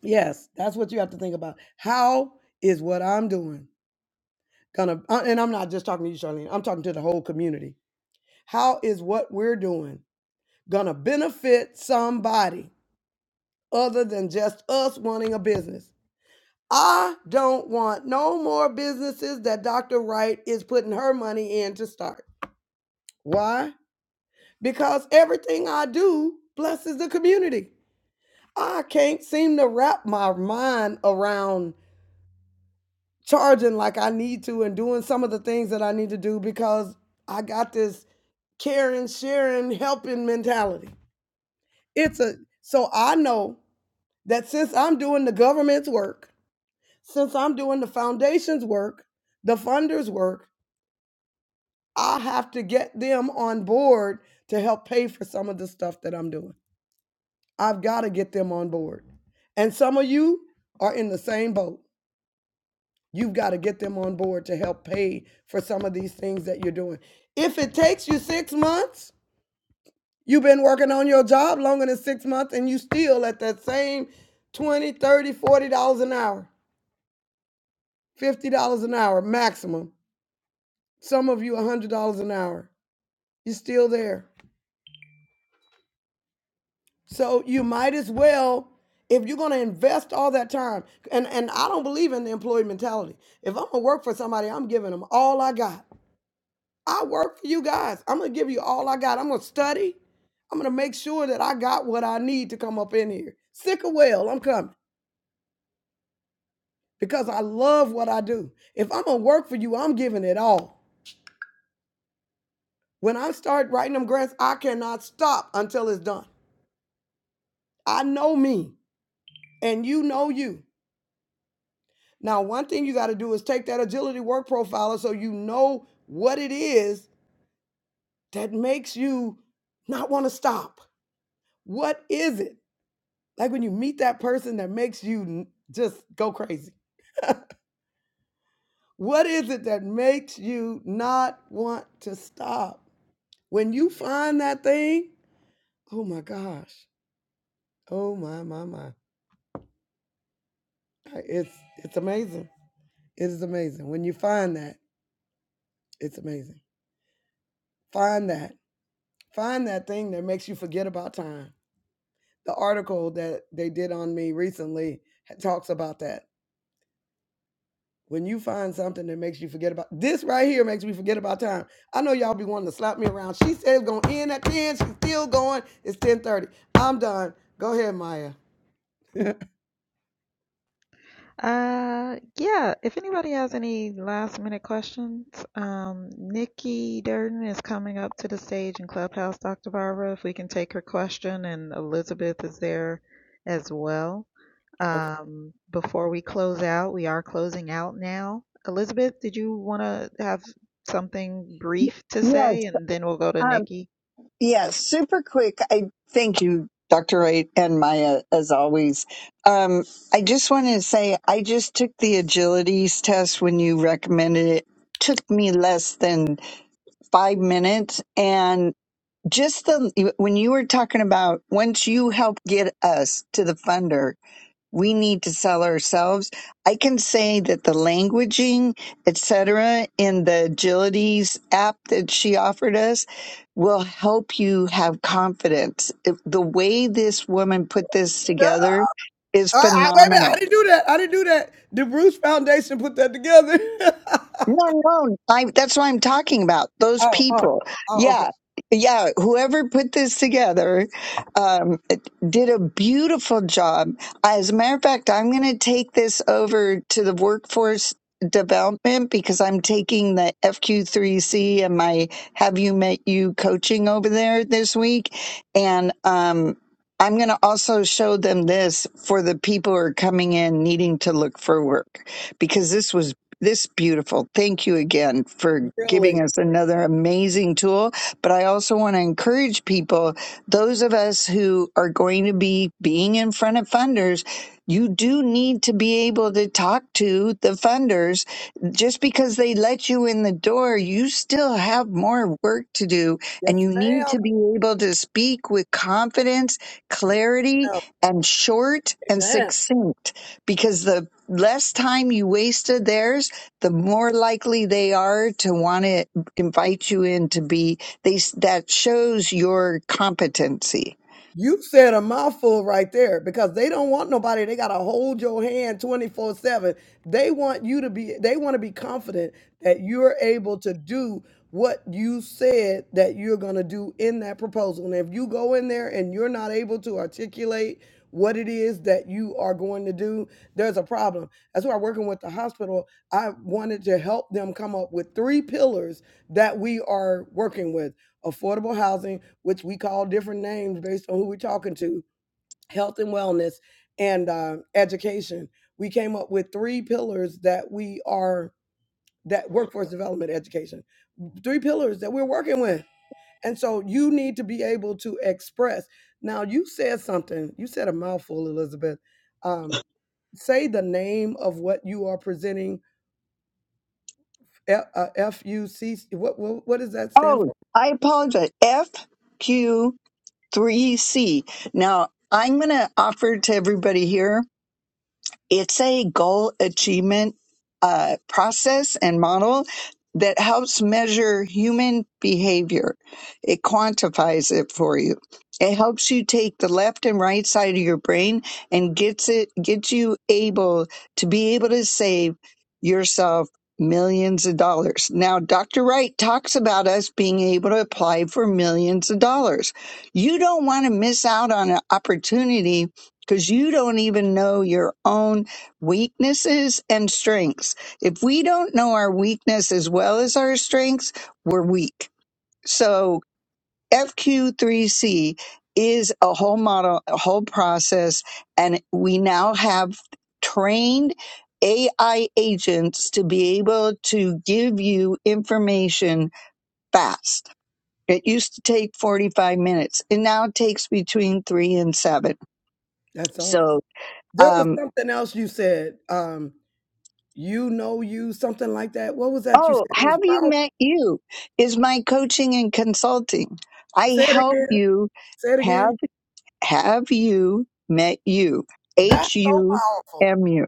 [SPEAKER 4] Yes, that's what you have to think about. How is what I'm doing gonna, uh, and I'm not just talking to you, Charlene, I'm talking to the whole community. How is what we're doing gonna benefit somebody other than just us wanting a business? I don't want no more businesses that Dr. Wright is putting her money in to start. Why? Because everything I do blesses the community. I can't seem to wrap my mind around charging like I need to and doing some of the things that I need to do because I got this caring, sharing, helping mentality. It's a so I know that since I'm doing the government's work, since I'm doing the foundation's work, the funders' work, I have to get them on board to help pay for some of the stuff that I'm doing. I've got to get them on board. And some of you are in the same boat You've got to get them on board to help pay for some of these things that you're doing. If it takes you six months, you've been working on your job longer than six months and you still at that same 20, 30, 40 dollars an hour, 50 dollars an hour maximum. Some of you $100 an hour. You're still there. So you might as well if you're going to invest all that time and and I don't believe in the employee mentality. If I'm going to work for somebody, I'm giving them all I got. I work for you guys. I'm gonna give you all I got. I'm gonna study. I'm gonna make sure that I got what I need to come up in here. Sick or well, I'm coming because I love what I do. If I'm gonna work for you, I'm giving it all. When I start writing them grants, I cannot stop until it's done. I know me, and you know you. Now, one thing you got to do is take that agility work profiler so you know what it is that makes you not want to stop. What is it? Like when you meet that person that makes you just go crazy. What is it that makes you not want to stop? When you find that thing, oh my gosh. Oh my my my. It's it's amazing. It is amazing. When you find that, it's amazing. Find that. Find that thing that makes you forget about time. The article that they did on me recently talks about that When you find something that makes you forget about this right here makes me forget about time. I know y'all be wanting to slap me around. She said it's gonna end at 10. She's still going. It's 10:30. I'm done. Go ahead, Maya.
[SPEAKER 3] Uh, yeah, if anybody has any last minute questions, um, Nikki Durden is coming up to the stage in Clubhouse, Dr. Barbara, if we can take her question, and Elizabeth is there as well.
[SPEAKER 4] okay.
[SPEAKER 3] Um, before we close out, we are closing out now. Elizabeth, did you want to have something brief to
[SPEAKER 7] Yes.
[SPEAKER 3] say, and then we'll go to
[SPEAKER 7] Um,
[SPEAKER 3] Nikki?
[SPEAKER 7] yes. Super quick. I thank you, Dr. Wright and Maya, as always. Um, I just wanted to say I just took the agilities test when you recommended it. Took me less than five minutes, and just the when you were talking about once you help get us to the funder, we need to sell ourselves. I can say that the languaging, etc., in the Agilities app that she offered us will help you have confidence. If- The way this woman put this
[SPEAKER 4] Yeah.
[SPEAKER 7] together is
[SPEAKER 4] I, I, wait a minute.
[SPEAKER 7] phenomenal.
[SPEAKER 4] I didn't do that. I didn't do that. The Bruce Foundation put that together.
[SPEAKER 7] No, no. I that's what I'm talking about. Those
[SPEAKER 4] oh, oh,
[SPEAKER 7] people.
[SPEAKER 4] oh, okay.
[SPEAKER 7] Yeah. Yeah, whoever put this together um, did a beautiful job. As a matter of fact, I'm going to take this over to the workforce development because I'm taking the FQ3C and my Have You Met You coaching over there this week. And um, I'm going to also show them this for the people who are coming in needing to look for work because this was this beautiful. Thank you again for
[SPEAKER 4] Really?
[SPEAKER 7] giving us another amazing tool. But I also want to encourage people, those of us who are going to be being in front of funders, you do need to be able to talk to the funders. Just because they let you in the door, you still have more work to do and
[SPEAKER 4] Yes,
[SPEAKER 7] you need
[SPEAKER 4] ma'am.
[SPEAKER 7] to be able to speak with confidence,
[SPEAKER 4] Yes,
[SPEAKER 7] clarity,
[SPEAKER 4] ma'am.
[SPEAKER 7] and short and
[SPEAKER 4] Amen.
[SPEAKER 7] succinct because the less time you wasted there the more likely they are to want to invite you in to be they that shows your competency
[SPEAKER 4] You said a mouthful right there because they don't want nobody. They got to hold your hand 24 7. They want you to be, they want to be confident that you're able to do what you said that you're going to do in that proposal. And if you go in there and you're not able to articulate what it is that you are going to do, there's a problem. That's why working with the hospital, I wanted to help them come up with three pillars that we are working with affordable housing, which we call different names based on who we're talking to, health and wellness, and uh, education. We came up with three pillars that we are that workforce development education, three pillars that we're working with. And so you need to be able to express. Now you said something. You said a mouthful, Elizabeth. Um, say the name of what you are presenting. F U C. What what what does that stand
[SPEAKER 7] oh i apologize fq3c now i'm going to offer to everybody here It's a goal achievement uh, process and model that helps measure human behavior. It quantifies it for you. It helps you take the left and right side of your brain and gets it gets you able to be able to save yourself millions of dollars. Now Dr. Wright talks about us being able to apply for millions of dollars. You don't want to miss out on an opportunity because you don't even know your own weaknesses and strengths. If we don't know our weakness as well as our strengths, we're weak. So FQ3C is a whole model, a whole process, and we now have trained AI agents to be able to give you information fast. It used to take 45 minutes. It now takes between three and seven.
[SPEAKER 4] That's awesome.
[SPEAKER 7] So,
[SPEAKER 4] There was
[SPEAKER 7] Um,
[SPEAKER 4] something else you said. Um, you know you, something like that. What was that you
[SPEAKER 7] Oh,
[SPEAKER 4] said? It was
[SPEAKER 7] have you
[SPEAKER 4] powerful.
[SPEAKER 7] met you? Is my coaching and consulting. I
[SPEAKER 4] Say it
[SPEAKER 7] help
[SPEAKER 4] again.
[SPEAKER 7] you
[SPEAKER 4] Say it again.
[SPEAKER 7] have have you met you?
[SPEAKER 4] That's
[SPEAKER 7] H
[SPEAKER 4] so
[SPEAKER 7] U
[SPEAKER 4] powerful.
[SPEAKER 7] M U.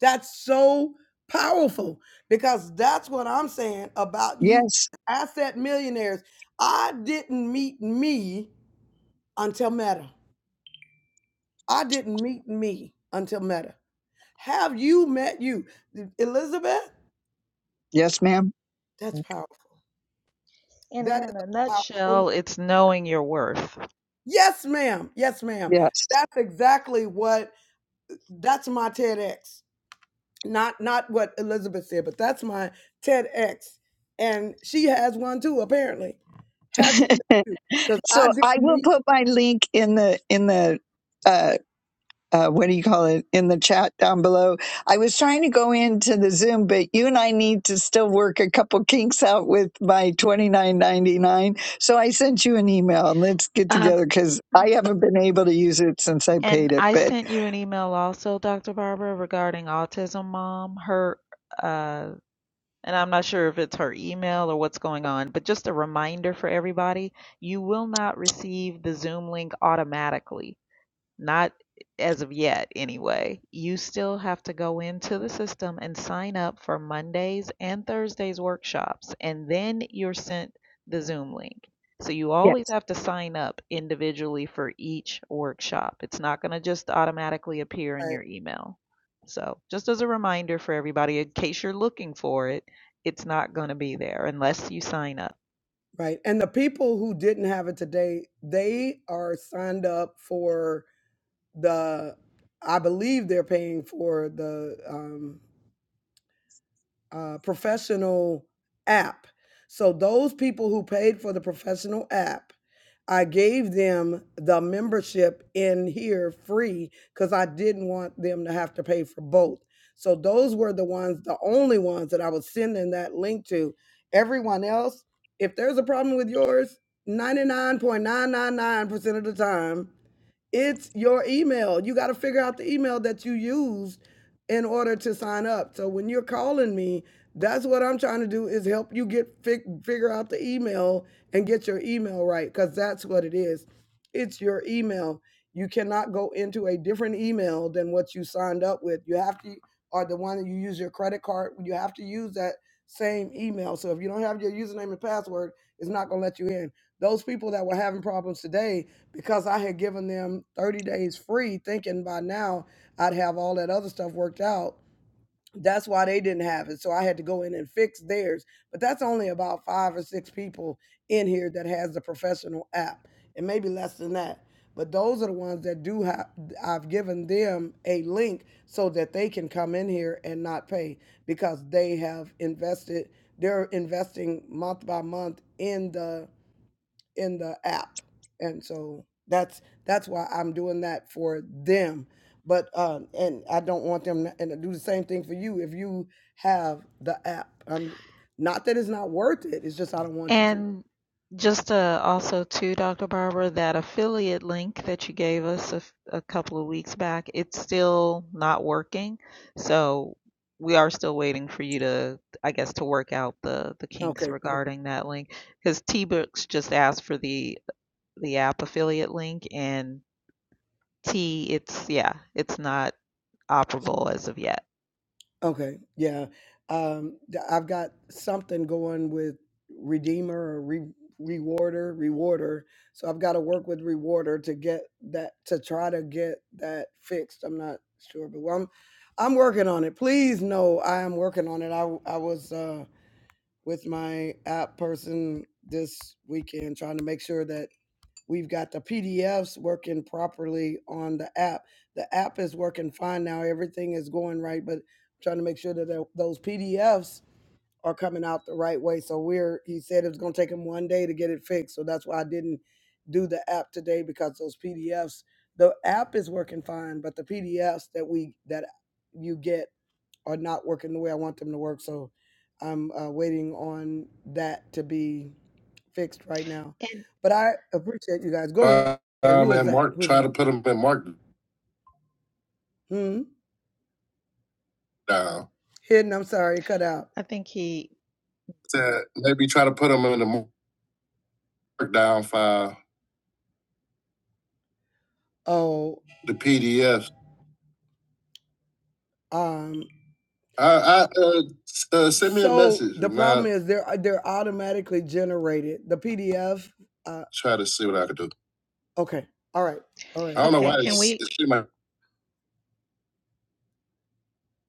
[SPEAKER 4] That's so powerful because that's what I'm saying about you
[SPEAKER 7] Yes.
[SPEAKER 4] asset millionaires. I didn't meet me until Meta. I didn't meet me until Meta. Have you met you? Elizabeth,
[SPEAKER 7] Yes, ma'am.
[SPEAKER 4] that's powerful.
[SPEAKER 3] And in
[SPEAKER 4] That is
[SPEAKER 3] a
[SPEAKER 4] powerful.
[SPEAKER 3] nutshell, it's knowing your worth.
[SPEAKER 4] Yes, ma'am. Yes, ma'am.
[SPEAKER 7] Yes.
[SPEAKER 4] That's exactly what that's my TEDx. not not what Elizabeth said, but that's my TEDx, and she has one too. Apparently, have you? Because I
[SPEAKER 7] So
[SPEAKER 4] didn't
[SPEAKER 7] I will
[SPEAKER 4] need
[SPEAKER 7] put my link in the in the uh uh, what do you call it in the chat down below. I was trying to go into the Zoom, but you and I need to still work a couple kinks out with my twenty nine ninety nine. So I sent you an email and let's get
[SPEAKER 3] Um,
[SPEAKER 7] together because I haven't been able to use it since I
[SPEAKER 3] and
[SPEAKER 7] paid it.
[SPEAKER 3] I
[SPEAKER 7] But
[SPEAKER 3] sent you an email also, Dr. Barbara, regarding Autism Mom. Her, uh, and I'm not sure if it's her email or what's going on, but just a reminder for everybody, you will not receive the Zoom link automatically. Not as of yet, anyway. You still have to go into the system and sign up for Mondays and Thursdays workshops, and then you're sent the Zoom link. So you
[SPEAKER 7] yeah.
[SPEAKER 3] always have to sign up individually for each workshop. It's not going to just automatically appear in
[SPEAKER 4] right,
[SPEAKER 3] your email. So, just as a reminder for everybody, in case you're looking for it, it's not going to be there unless you sign up.
[SPEAKER 4] right. And the people who didn't have it today, they are signed up for the. I believe they're paying for the. um, uh, professional app. So those people who paid for the professional app, I gave them the membership in here free because I didn't want them to have to pay for both. So those were the ones, the only ones that I was sending that link to. Everyone else, if there's a problem with yours, 99.999% of the time, it's your email. You got to figure out the email that you used in order to sign up. So when you're calling me, that's what I'm trying to do is help you get fig- figure out the email and get your email right cuz that's what it is. It's your email. You cannot go into a different email than what you signed up with. You have to or the one that you use your credit card, you have to use that same email. So if you don't have your username and password, it's not going to let you in. Those people that were having problems today because I had given them 30 days free thinking by now I'd have all that other stuff worked out. That's why they didn't have it. So I had to go in and fix theirs. But that's only about five or six people in here that has the professional app, and maybe less than that. But those are the ones that do have, I've given them a link so that they can come in here and not pay because they have invested, they're investing month by month in the in the app and so that's that's why i'm doing that for them but um and i don't want them to, and to do the same thing for you if you have the app i'm not that it's not worth it it's just i don't want you to
[SPEAKER 3] And just uh, also to Dr. Barbara, that affiliate link that you gave us a a couple of weeks back, it's still not working. So we are still waiting for you to, I guess, to work out the the
[SPEAKER 4] Okay.
[SPEAKER 3] kinks regarding that link because T-Books just asked for the the app affiliate link, and T, it's yeah, it's not operable as of yet.
[SPEAKER 4] Okay, yeah. Um, th- I've got something going with Redeemer or Re- Rewarder, Rewarder. So I've got to work with Rewarder to get that to try to get that fixed. I'm not sure, but well, I'm I'm working on it. Please know I am working on it. I w- I was uh, with my app person this weekend trying to make sure that We've got the PDFs working properly on the app. The app is working fine now. Everything is going right, but I'm trying to make sure that tho- those PDFs are coming out the right way. So we're he said it was going to take him one day to get it fixed. So that's why I didn't do the app today because those PDFs the app is working fine, but the PDFs that we that you get are not working the way I want them to work. So I'm uh, waiting on that to be fixed right now.
[SPEAKER 3] And
[SPEAKER 4] But I appreciate you guys. Go ahead. Uh, And um, was and that? Mark Who is try that? to put him in Mark Hmm. down. Hidden. I'm sorry. it Cut out.
[SPEAKER 3] I think he,
[SPEAKER 4] Said maybe try to put him in the markdown file. Oh, the PDFs. um, I, I uh, uh, send me a so a message the problem i is they're they're automatically generated. The PDF. Uh, try to see what I can do. okay. All right. All right. I don't know
[SPEAKER 3] okay,
[SPEAKER 4] why
[SPEAKER 3] can
[SPEAKER 4] it's,
[SPEAKER 3] we?
[SPEAKER 4] it seems like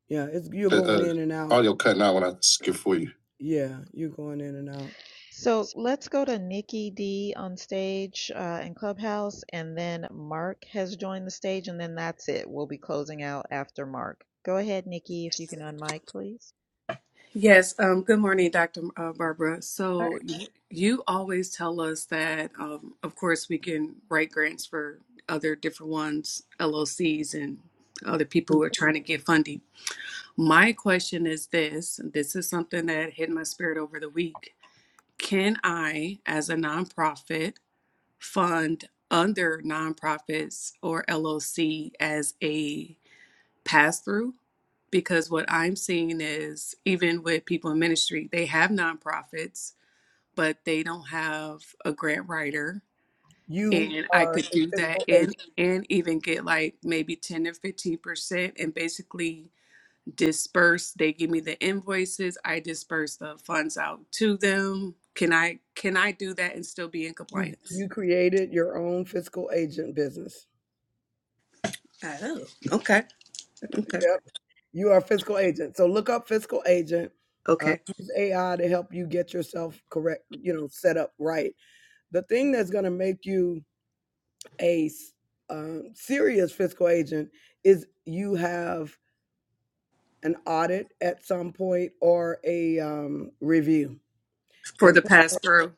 [SPEAKER 4] Yeah, it's you're going uh, in and out. audio cutting out when I skip for you. Yeah, you're going in and out.
[SPEAKER 3] So let's go to Nikki D on stage uh, in Clubhouse, and then Mark has joined the stage, and then that's it. We'll be closing out after Mark. Go ahead, Nikki, if you can unmic, please.
[SPEAKER 8] Yes, um, good morning, Dr. Uh, Barbara. So
[SPEAKER 4] Right.
[SPEAKER 8] y- you always tell us that, um, of course, we can write grants for other different ones, LOCs, and other people who are trying to get funding. My question is this, and this is something that hit my spirit over the week. Can I, as a nonprofit, fund other nonprofits or LOC as a pass through because what I'm seeing is even with people in ministry, they have nonprofits, but they don't have a grant writer.
[SPEAKER 4] You
[SPEAKER 8] And I
[SPEAKER 4] are
[SPEAKER 8] could
[SPEAKER 4] a
[SPEAKER 8] do that
[SPEAKER 4] fiscal
[SPEAKER 8] and
[SPEAKER 4] agent.
[SPEAKER 8] and even get like maybe 10 or 15 percent and basically disperse. They give me the invoices, I disperse the funds out to them. Can I can I do that and still be in
[SPEAKER 4] You
[SPEAKER 8] compliance?
[SPEAKER 4] you created your own fiscal agent business.
[SPEAKER 8] Oh, okay, okay,
[SPEAKER 4] Yep. You are a fiscal agent. So look up fiscal agent. Uh,
[SPEAKER 8] okay.
[SPEAKER 4] use AI to help you get yourself correct, you know, set up right. The thing that's going to make you a s- um, serious fiscal agent is you have an audit at some point or a um, review
[SPEAKER 8] For
[SPEAKER 4] and
[SPEAKER 8] the pass through.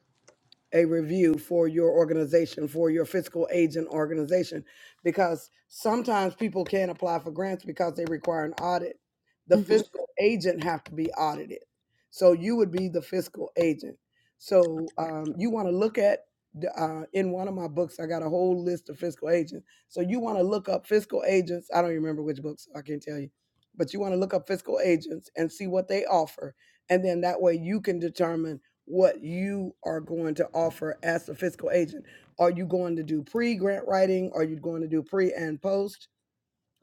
[SPEAKER 4] a review for your organization, for your fiscal agent organization, because sometimes people can't apply for grants because they require an audit. The
[SPEAKER 8] hmm
[SPEAKER 4] fiscal agent have to be audited, so you would be the fiscal agent. So um, you want to look at the, uh, in one of my books, I got a whole list of fiscal agents. So you want to look up fiscal agents. I don't even remember which books. I can't tell you, but you want to look up fiscal agents and see what they offer, and then that way you can determine what you are going to offer as a fiscal agent. Are you going to do pre grant writing? Are you going to do pre and post?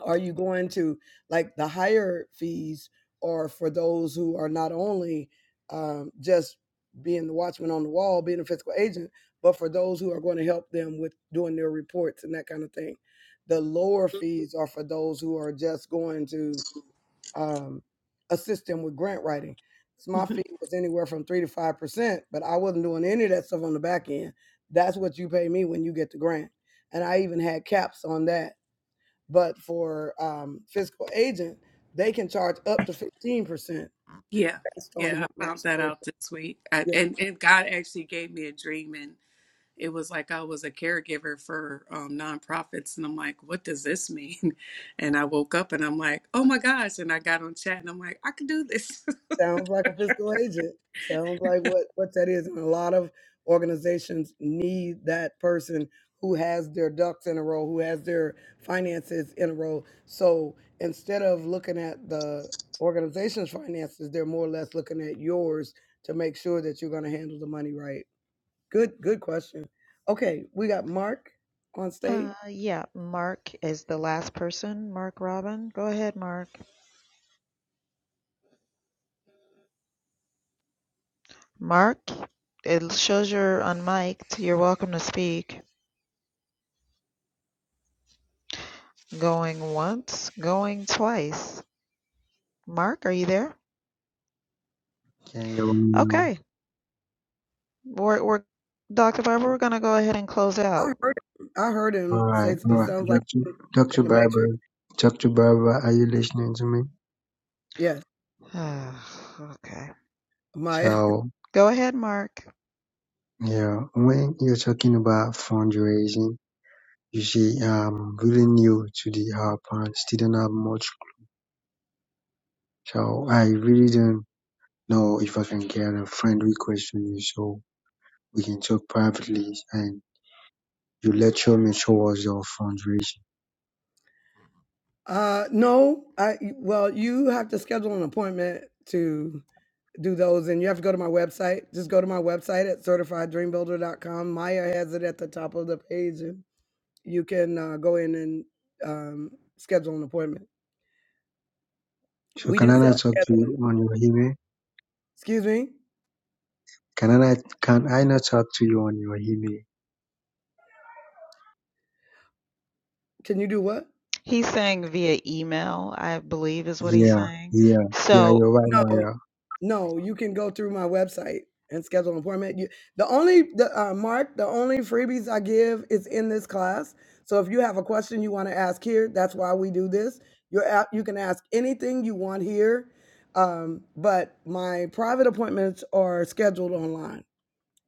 [SPEAKER 4] Are you going to like the higher fees are for those who are not only um, just being the watchman on the wall, being a fiscal agent, but for those who are going to help them with doing their reports and that kind of thing? The lower fees are for those who are just going to um, assist them with grant writing. So my fee
[SPEAKER 8] hmm
[SPEAKER 4] was anywhere from three to five percent, but I wasn't doing any of that stuff on the back end. That's what you pay me when you get the grant, and I even had caps on that. But for um, fiscal agent, they can charge up to fifteen percent
[SPEAKER 8] Yeah,
[SPEAKER 4] based on
[SPEAKER 8] yeah,
[SPEAKER 4] how
[SPEAKER 8] I
[SPEAKER 4] much.
[SPEAKER 8] found that
[SPEAKER 4] They're,
[SPEAKER 8] out this week. I,
[SPEAKER 4] yeah.
[SPEAKER 8] and and God actually gave me a dream, and it was like I was a caregiver for um, nonprofits, and I'm like, what does this mean? And I woke up, and I'm like, oh my gosh! And I got on chat, and I'm like, I could do this.
[SPEAKER 4] Sounds like a fiscal agent. Sounds like what, what that is. And a lot of organizations need that person who has their ducks in a row, who has their finances in a row. So instead of looking at the organization's finances, they're more or less looking at yours to make sure that you're going to handle the money right. Good, good question. Okay, we got Mark on stage?
[SPEAKER 3] Uh, yeah, Mark is the last person. Mark Robin. Go ahead, Mark. Mark, it shows you're unmiked. You're welcome to speak. Going once, going twice. Mark, are you there?
[SPEAKER 9] Okay, well,
[SPEAKER 3] Okay. We're, we're, Dr. Barber, we're going to go ahead and close
[SPEAKER 4] I
[SPEAKER 3] out.
[SPEAKER 4] heard him. I heard him
[SPEAKER 9] all right,
[SPEAKER 4] say
[SPEAKER 9] all
[SPEAKER 4] something. that
[SPEAKER 9] right.
[SPEAKER 4] Sounds like
[SPEAKER 9] Dr.
[SPEAKER 4] in
[SPEAKER 9] Dr.
[SPEAKER 4] the
[SPEAKER 9] Barber,
[SPEAKER 4] Matrix.
[SPEAKER 9] Dr. Barber, are you listening to me?
[SPEAKER 4] Yes,
[SPEAKER 3] okay.
[SPEAKER 4] Maya.
[SPEAKER 9] So,
[SPEAKER 3] Go ahead, Mark.
[SPEAKER 9] yeah, when you're talking about fundraising, you see, I'm really new to the uh, plant, still don't have much. So, I really don't know if I can get a friend request from you so we can talk privately and you lecture me towards your fundraising.
[SPEAKER 4] Uh, no, I. Well, you have to schedule an appointment to do those, and you have to go to my website. Just go to my website at certifieddreambuilder.com. Maya has it at the top of the page, and you can uh, go in and um, schedule an appointment.
[SPEAKER 9] So,
[SPEAKER 4] We
[SPEAKER 9] can
[SPEAKER 4] do
[SPEAKER 9] I
[SPEAKER 4] self
[SPEAKER 9] not talk to
[SPEAKER 4] scheduling.
[SPEAKER 9] you on your email?
[SPEAKER 4] Excuse me.
[SPEAKER 9] Can I not, can I not talk to you on your email?
[SPEAKER 4] Can you do what?
[SPEAKER 3] He's saying via email, I believe is what he's
[SPEAKER 9] Yeah,
[SPEAKER 3] saying.
[SPEAKER 9] yeah, yeah,
[SPEAKER 3] So
[SPEAKER 9] you're right,
[SPEAKER 4] No,
[SPEAKER 9] Maya.
[SPEAKER 4] No, you can go through my website and schedule an appointment. You, the only the uh, Mark, the only freebies I give is in this class. So if you have a question you want to ask here, that's why we do this. You're at, you can ask anything you want here, um, but my private appointments are scheduled online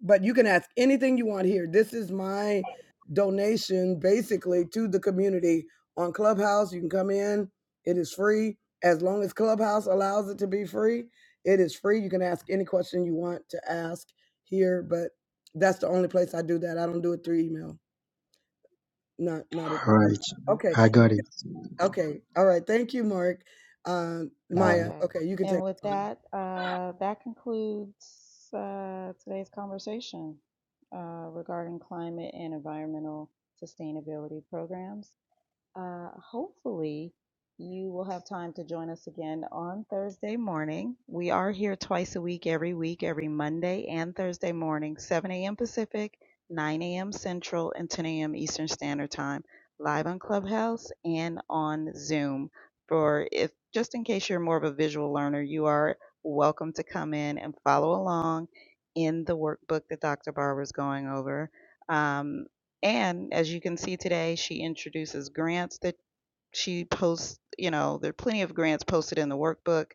[SPEAKER 4] but you can ask anything you want here. This is my donation basically to the community on Clubhouse. You can come in, it is free. As long as Clubhouse allows it to be free, it is free. You can ask any question you want to ask here, but that's the only place I do that. I don't do it through email. Not not at
[SPEAKER 9] All right,
[SPEAKER 4] Okay.
[SPEAKER 9] I got it.
[SPEAKER 4] Okay. All right. Thank you, Mark. Uh,
[SPEAKER 9] All right.
[SPEAKER 4] Maya.
[SPEAKER 3] Okay.
[SPEAKER 4] Okay, you can take
[SPEAKER 3] And with
[SPEAKER 4] it. home.
[SPEAKER 3] that, uh, that concludes uh, today's conversation uh, regarding climate and environmental sustainability programs. Uh, hopefully, you will have time to join us again on Thursday morning. We are here twice a week, every week, every Monday and Thursday morning, 7 a.m. Pacific, 9 a.m. Central, and 10 a.m. Eastern Standard Time, live on Clubhouse and on Zoom. For if just in case you're more of a visual learner, you are welcome to come in and follow along in the workbook that Dr. Barber is going over. Um, and as you can see today, she introduces grants that she posts, you know, there are plenty of grants posted in the workbook,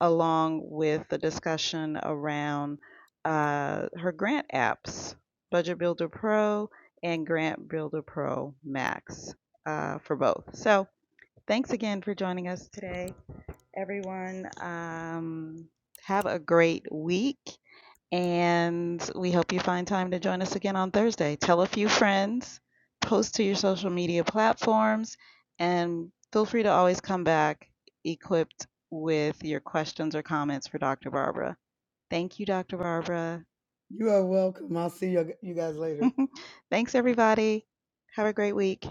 [SPEAKER 3] along with the discussion around uh, her grant apps, Budget Builder Pro and Grant Builder Pro Max uh, for both. So thanks again for joining us today, everyone. Um, have a great week and we hope you find time to join us again on Thursday. Tell a few friends, post to your social media platforms, and feel free to always come back equipped with your questions or comments for Dr. Barbara. Thank you, Dr. Barbara.
[SPEAKER 4] You are welcome. I'll see you, you guys later.
[SPEAKER 3] Thanks, everybody. Have a great week.